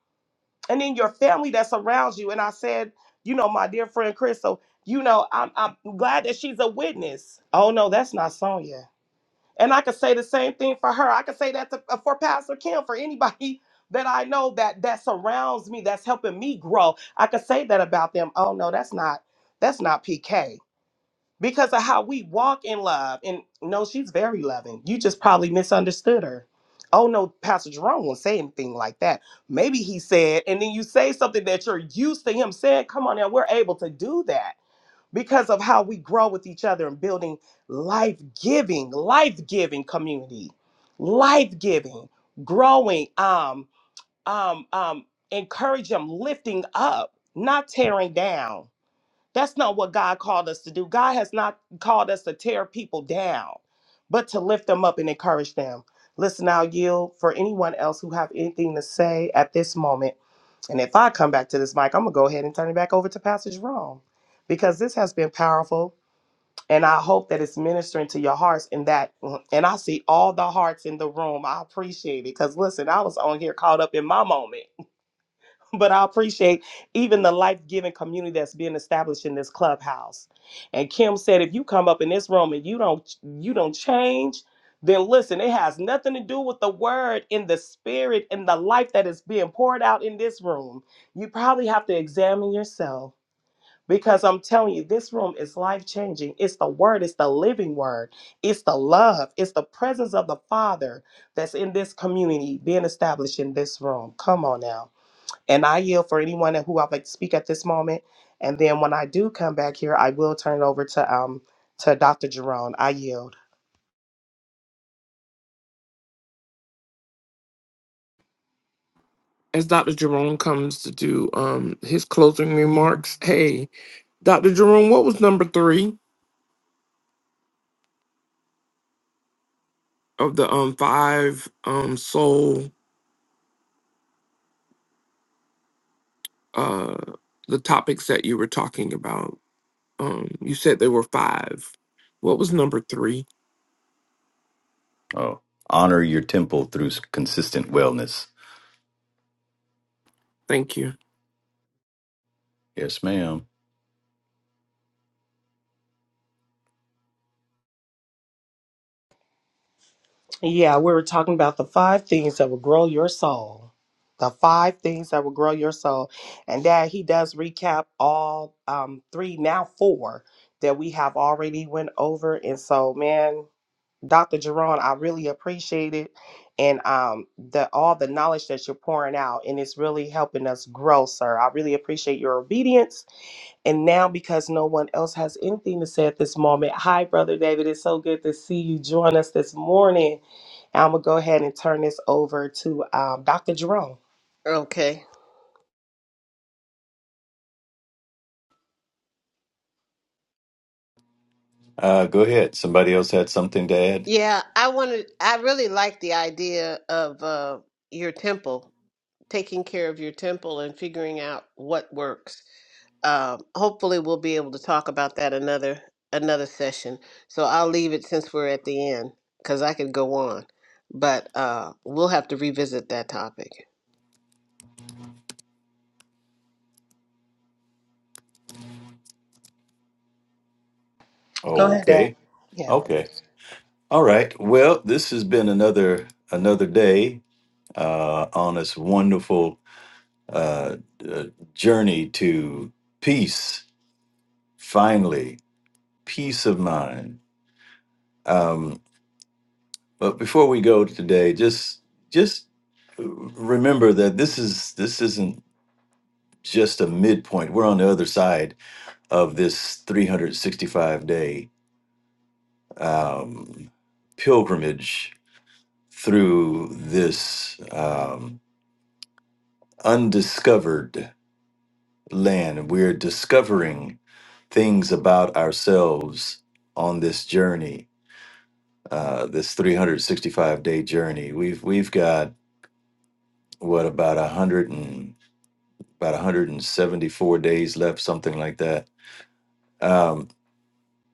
and then your family that surrounds you. And I said, you know, my dear friend Crystal, you know, I'm, I'm glad that she's a witness. Oh, no, that's not Sonya. And I could say the same thing for her. I could say that to, uh, for Pastor Kim, for anybody (laughs) that I know that that surrounds me, that's helping me grow. I could say that about them. Oh, no, that's not. That's not PK because of how we walk in love. And no, she's very loving. You just probably misunderstood her. Oh no, Pastor Jerome won't say anything like that. Maybe he said, and then you say something that you're used to him saying. Come on now, we're able to do that because of how we grow with each other and building life giving, life giving community, life giving, growing, um, um, um, encourage them, lifting up, not tearing down that's not what God called us to do. God has not called us to tear people down, but to lift them up and encourage them. Listen, I'll yield for anyone else who have anything to say at this moment. And if I come back to this mic, I'm gonna go ahead and turn it back over to Pastor Jerome because this has been powerful. And I hope that it's ministering to your hearts and that mm, and I see all the hearts in the room. I appreciate it. Cause listen, I was on here caught up in my moment but I appreciate even the life giving community that's being established in this clubhouse. And Kim said, if you come up in this room and you don't you don't change, then listen, it has nothing to do with the word in the spirit and the life that is being poured out in this room. You probably have to examine yourself. Because I'm telling you, this room is life changing. It's the word, it's the living word, it's the love, it's the presence of the Father that's in this community being established in this room. Come on now. And I yield for anyone who I'd like to speak at this moment. And then when I do come back here, I will turn it over to um to Dr. Jerome. I yield. as Dr. Jerome comes to do um his closing remarks. Hey, Dr. Jerome, what was number three of the um five um soul uh the topics that you were talking about? Um you said there were five. What was number three? Oh, honor your temple through s- consistent wellness. Thank you. Yes, ma'am. Yeah, we were talking about the five things that will grow your soul. The five things that will grow your soul. And Dad, he does recap all um three, now four that we have already went over. And so, man, Dr. Jerron, I really appreciate it. And um, the all the knowledge that you're pouring out, and it's really helping us grow, sir. I really appreciate your obedience. And now, because no one else has anything to say at this moment, hi, Brother David. It's so good to see you join us this morning. And I'm going to go ahead and turn this over to um, Dr. Jerome. Okay. uh, go ahead somebody else had something to add Yeah, I wanted I really like the idea of uh your temple taking care of your temple and figuring out what works. Um, hopefully, we'll be able to talk about that another another session. So I'll leave it since we're at the end because I could go on, but uh, we'll have to revisit that topic. Go ahead, Dad. okay Yeah. okay all right well this has been another another day uh, on this wonderful uh, uh, journey to peace, finally, peace of mind. Um, but before we go today, just just remember that this is this isn't just a midpoint. We're on the other side of this 365 day um, pilgrimage through this um, undiscovered land. We're discovering things about ourselves on this journey, uh, this 365 day journey. We've we've got what about a hundred and about 174 days left, something like that. Um,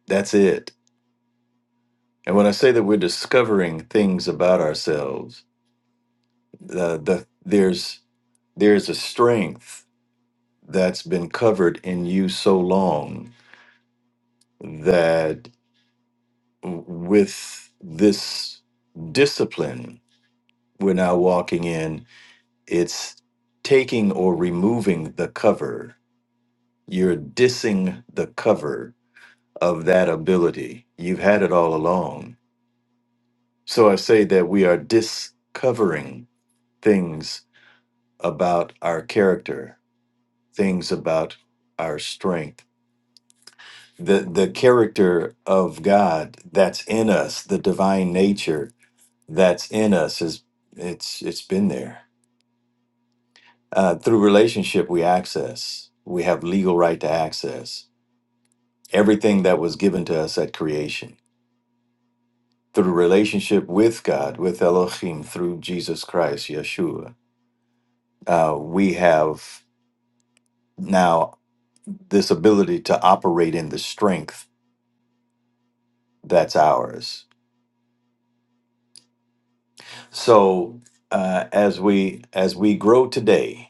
that's it. And when I say that we're discovering things about ourselves, the the there's there's a strength that's been covered in you so long that. with this discipline we're now walking in, it's taking or removing the cover. You're dissing the cover of that ability. You've had it all along. So I say that we are discovering things about our character, things about our strength. The, the character of God that's in us, the divine nature that's in us is it's it's been there uh, through relationship we access we have legal right to access everything that was given to us at creation through relationship with god with elohim through jesus christ yeshua uh, we have now this ability to operate in the strength that's ours so uh, as we as we grow today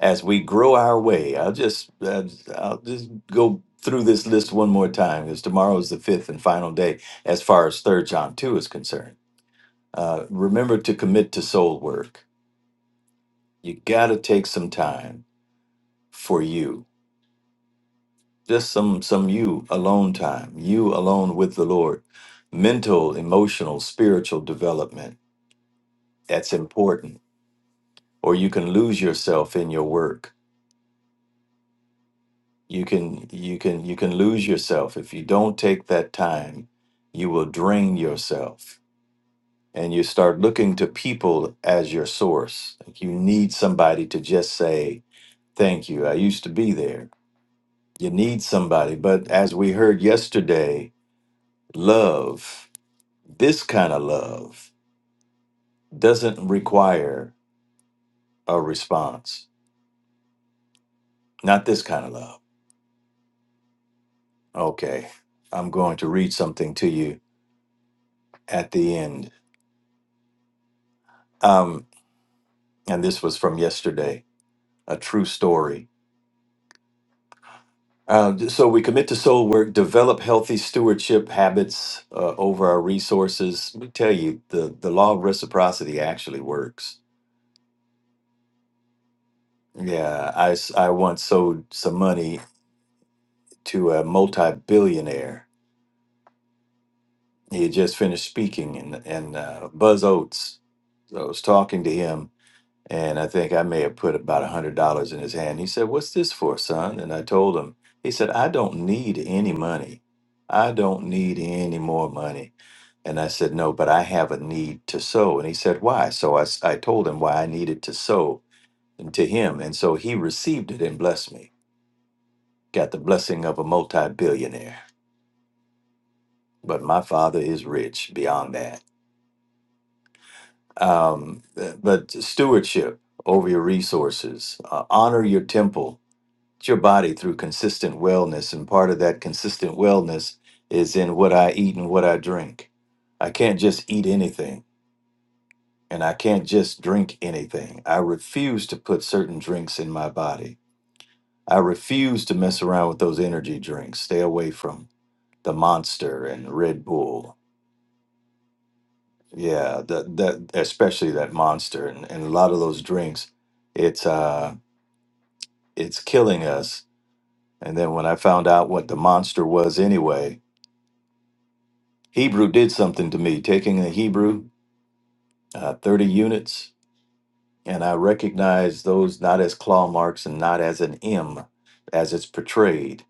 as we grow our way. I'll just uh, I'll just go through this list one more time because tomorrow is the fifth and final day as far as Third John two is concerned. Uh, remember to commit to soul work. You got to take some time for you, just some some you alone time, you alone with the Lord. Mental, emotional, spiritual development. That's important. Or you can lose yourself in your work you can you can you can lose yourself if you don't take that time you will drain yourself and you start looking to people as your source like you need somebody to just say thank you i used to be there you need somebody but as we heard yesterday love this kind of love doesn't require a response not this kind of love okay i'm going to read something to you at the end Um, and this was from yesterday, a true story. Uh, so we commit to soul work, develop healthy stewardship habits uh, over our resources. Let me tell you, the, the law of reciprocity actually works. Yeah, I, s- I once sold some money to a multi billionaire. He had just finished speaking, and, and uh, Buzz Oates, So I was talking to him And I think I may have put about a hundred dollars in his hand. He said, What's this for, son? And I told him, he said, I don't need any money. I don't need any more money. And I said, No, but I have a need to sow. And he said, Why? So I, s- I told him why I needed to sow and to him. And so he received it and blessed me. Got the blessing of a multi billionaire. But my father is rich beyond that. Um, but stewardship over your resources, uh, honor your temple It's your body through consistent wellness. And part of that consistent wellness is in what I eat and what I drink. I can't just eat anything and I can't just drink anything. I refuse to put certain drinks in my body. I refuse to mess around with those energy drinks. Stay away from the monster and Red Bull. Yeah, that that especially that monster and, and a lot of those drinks. It's uh it's killing us. And then when I found out what the monster was anyway, Hebrew did something to me, taking a Hebrew, uh, 30 units, and I recognized those not as claw marks and not as an M as it's portrayed,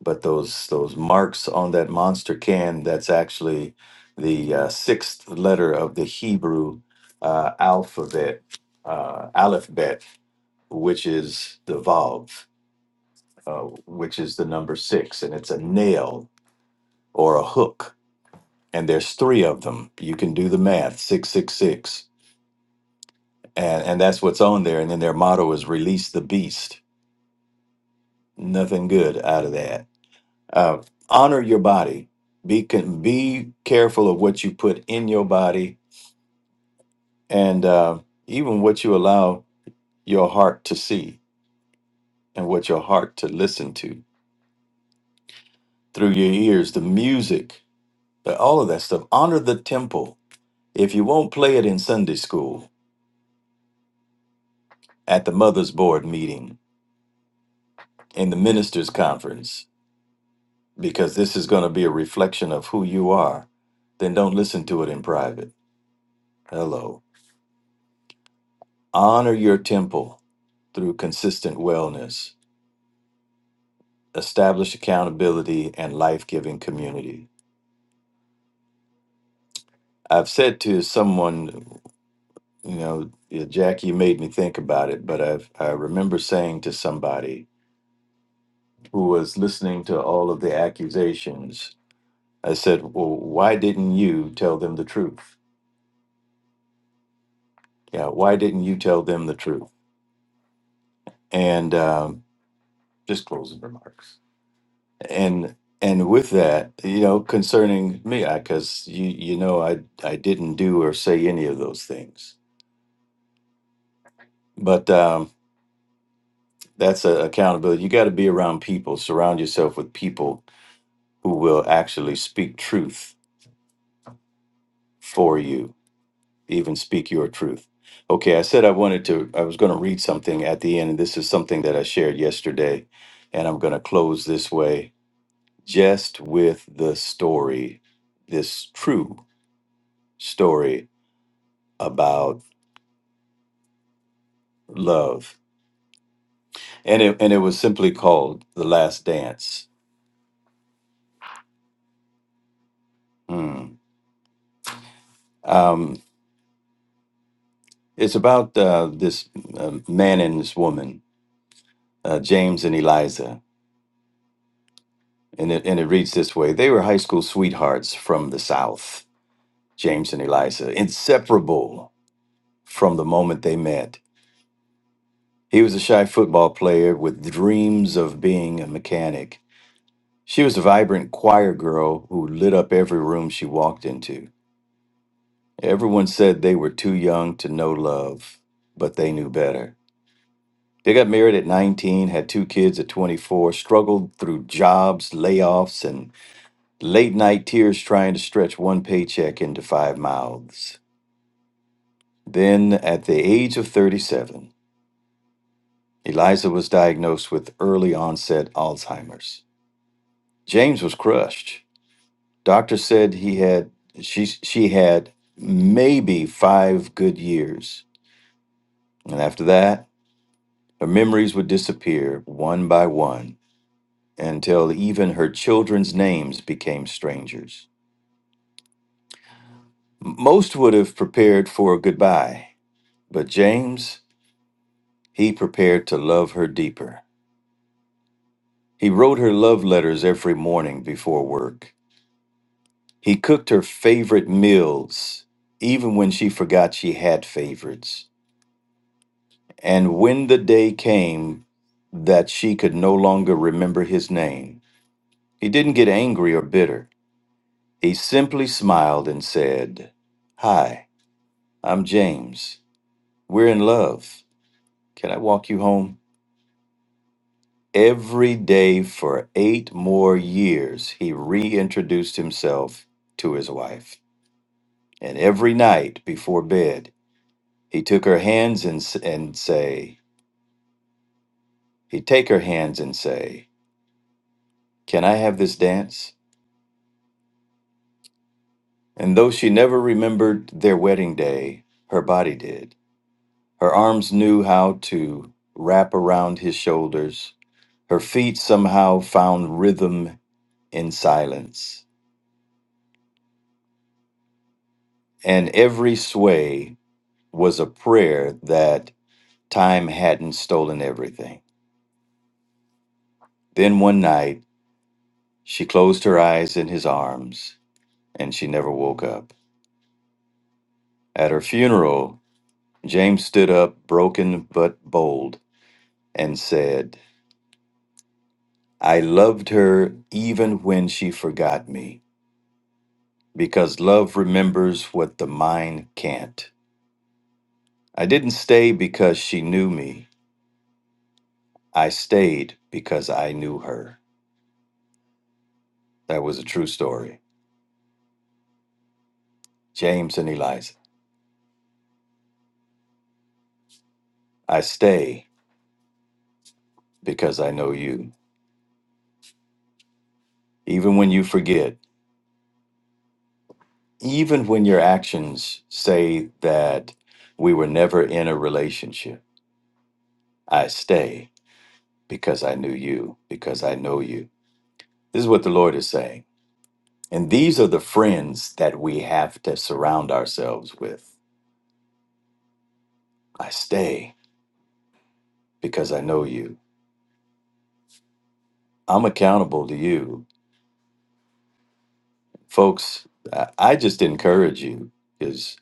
but those, those marks on that monster can that's actually the uh, sixth letter of the Hebrew uh, alphabet, uh, alphabet, which is the Vav, uh, which is the number six, and it's a nail or a hook. And there's three of them. You can do the math, 666 and and that's what's on there. And then their motto is "Release the beast." Nothing good out of that. Uh, honor your body. Be con- be careful of what you put in your body, and uh, even what you allow your heart to see and what your heart to listen to through your ears. The music, the, all of that stuff. Honor the temple. If you won't play it in Sunday school, at the mother's board meeting, in the ministers' conference, because this is going to be a reflection of who you are, then don't listen to it in private. Hello. Honor your temple through consistent wellness, establish accountability and life giving community. I've said to someone, you know, yeah, Jack, you made me think about it, but I've, I remember saying to somebody who was listening to all of the accusations, I said, Well, why didn't you tell them the truth? Yeah, why didn't you tell them the truth? And, um, just closing remarks and and with that you know concerning me I because you you know i i didn't do or say any of those things but um that's a accountability you got to be around people surround yourself with people who will actually speak truth for you even speak your truth okay i said i wanted to i was going to read something at the end and this is something that i shared yesterday and i'm going to close this way just with the story this true story about love, and it and it was simply called "The Last Dance." Hmm. Um, it's about uh, this uh, man and this woman, uh, James and Eliza, and it and it reads this way: They were high school sweethearts from the South, James and Eliza, inseparable from the moment they met. He was a shy football player with dreams of being a mechanic. She was a vibrant choir girl who lit up every room she walked into. Everyone said they were too young to know love, but they knew better. They got married at 19, had two kids at 24, struggled through jobs, layoffs, and late night tears trying to stretch one paycheck into five mouths. Then, at the age of 37, Eliza was diagnosed with early onset Alzheimer's. James was crushed. Doctor said he had she she had maybe 5 good years. And after that, Her memories would disappear one by one until even her children's names became strangers. M- Most would have prepared for a goodbye, but James, he prepared to love her deeper. He wrote her love letters every morning before work. He cooked her favorite meals, even when she forgot she had favorites. And when the day came that she could no longer remember his name, he didn't get angry or bitter. He simply smiled and said, Hi, I'm James. We're in love. Can I walk you home? Every day for eight more years, he reintroduced himself to his wife. And every night before bed, he took her hands and, s- and say, he'd take her hands and say, Can I have this dance? And though she never remembered their wedding day, her body did. Her arms knew how to wrap around his shoulders Her feet somehow found rhythm in silence, and every sway was a prayer that time hadn't stolen everything. Then one night, she closed her eyes in his arms, and she never woke up. At her funeral, James stood up, broken but bold, and said, I loved her even when she forgot me, because love remembers what the mind can't. I didn't stay because she knew me. I stayed because I knew her. That was a true story. James and Eliza. I stay because I know you. Even when you forget, even when your actions say that we were never in a relationship, I stay because I knew you, because I know you. This is what the Lord is saying. And these are the friends that we have to surround ourselves with. I stay because I know you. I'm accountable to you folks i I just encourage you because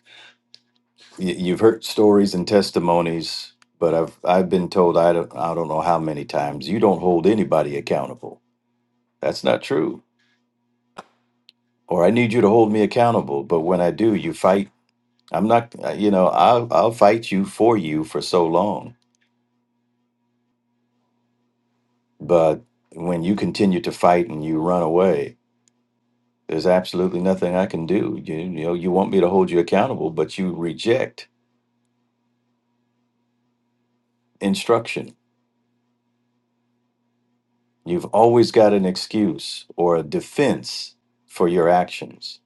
you've heard stories and testimonies but i've i've been told i don't i don't know how many times you don't hold anybody accountable that's not true or i need you to hold me accountable but when i do you fight i'm not uh, you know i'll i'll fight you for you for so long but when you continue to fight and you run away there's absolutely nothing i can do you, you know you want me to hold you accountable but you reject instruction You've always got an excuse or a defense for your actions.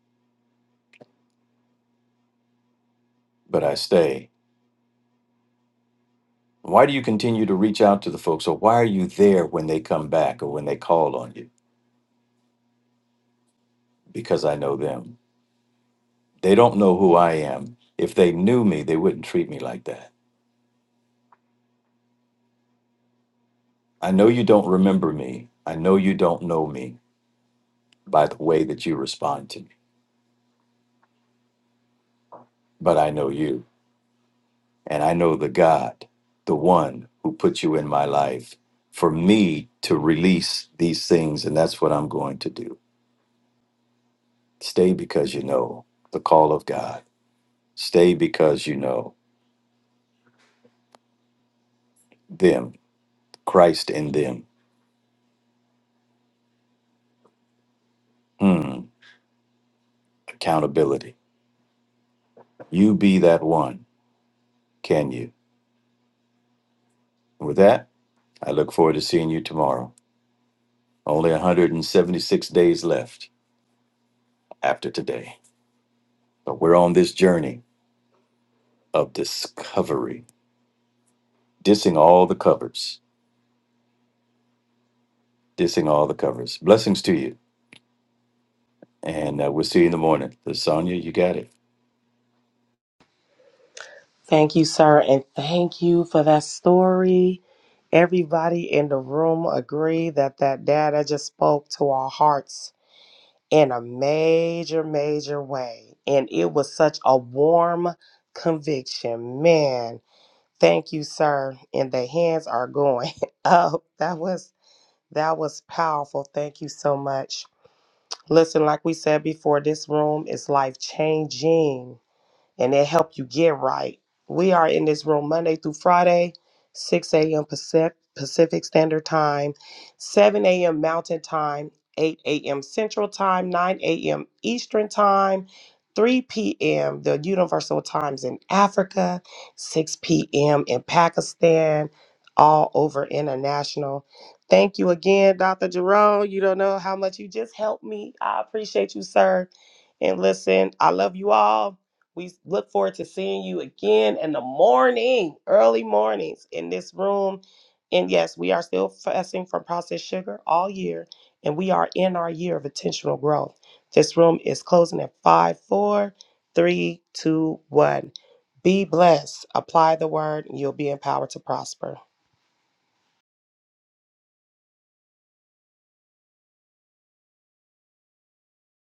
But I stay. Why do you continue to reach out to the folks, or why are you there when they come back or when they call on you? Because I know them. They don't know who I am. If they knew me, they wouldn't treat me like that. I know you don't remember me. I know you don't know me by the way that you respond to me, but I know you. And I know the God, the one who put you in my life for me to release these things. And that's what I'm going to do. Stay because you know the call of God. Stay because you know them, Christ in them. Hmm. Accountability. You be that one, can you? With that, I look forward to seeing you tomorrow. Only 176 days left after today. But we're on this journey of discovery, dissing all the covers dissing all the covers. Blessings to you. And uh, we'll see you in the morning. Lasonia, you got it. Thank you, sir, and thank you for that story. Everybody in the room agree that that data just spoke to our hearts in a major, major way. And it was such a warm conviction. Man, thank you, sir. And the hands are going (laughs) up. That was that was powerful. Thank you so much. Listen, like we said before, this room is life changing and it help you get right. We are in this room Monday through Friday, 6 a.m. Pacif- Pacific Standard Time, 7 a.m. Mountain Time, 8 a.m. Central Time, 9 a.m. Eastern Time, 3 p.m. the Universal Times in Africa, 6 p.m. in Pakistan, all over international. Thank you again, Dr. Jerome. You don't know how much you just helped me. I appreciate you, sir. And listen, I love you all. We look forward to seeing you again in the morning, early mornings in this room. And yes, we are still fasting from processed sugar all year, and we are in our year of intentional growth. This room is closing at five, four, three, two, one. Be blessed, apply the word, and you'll be empowered to prosper.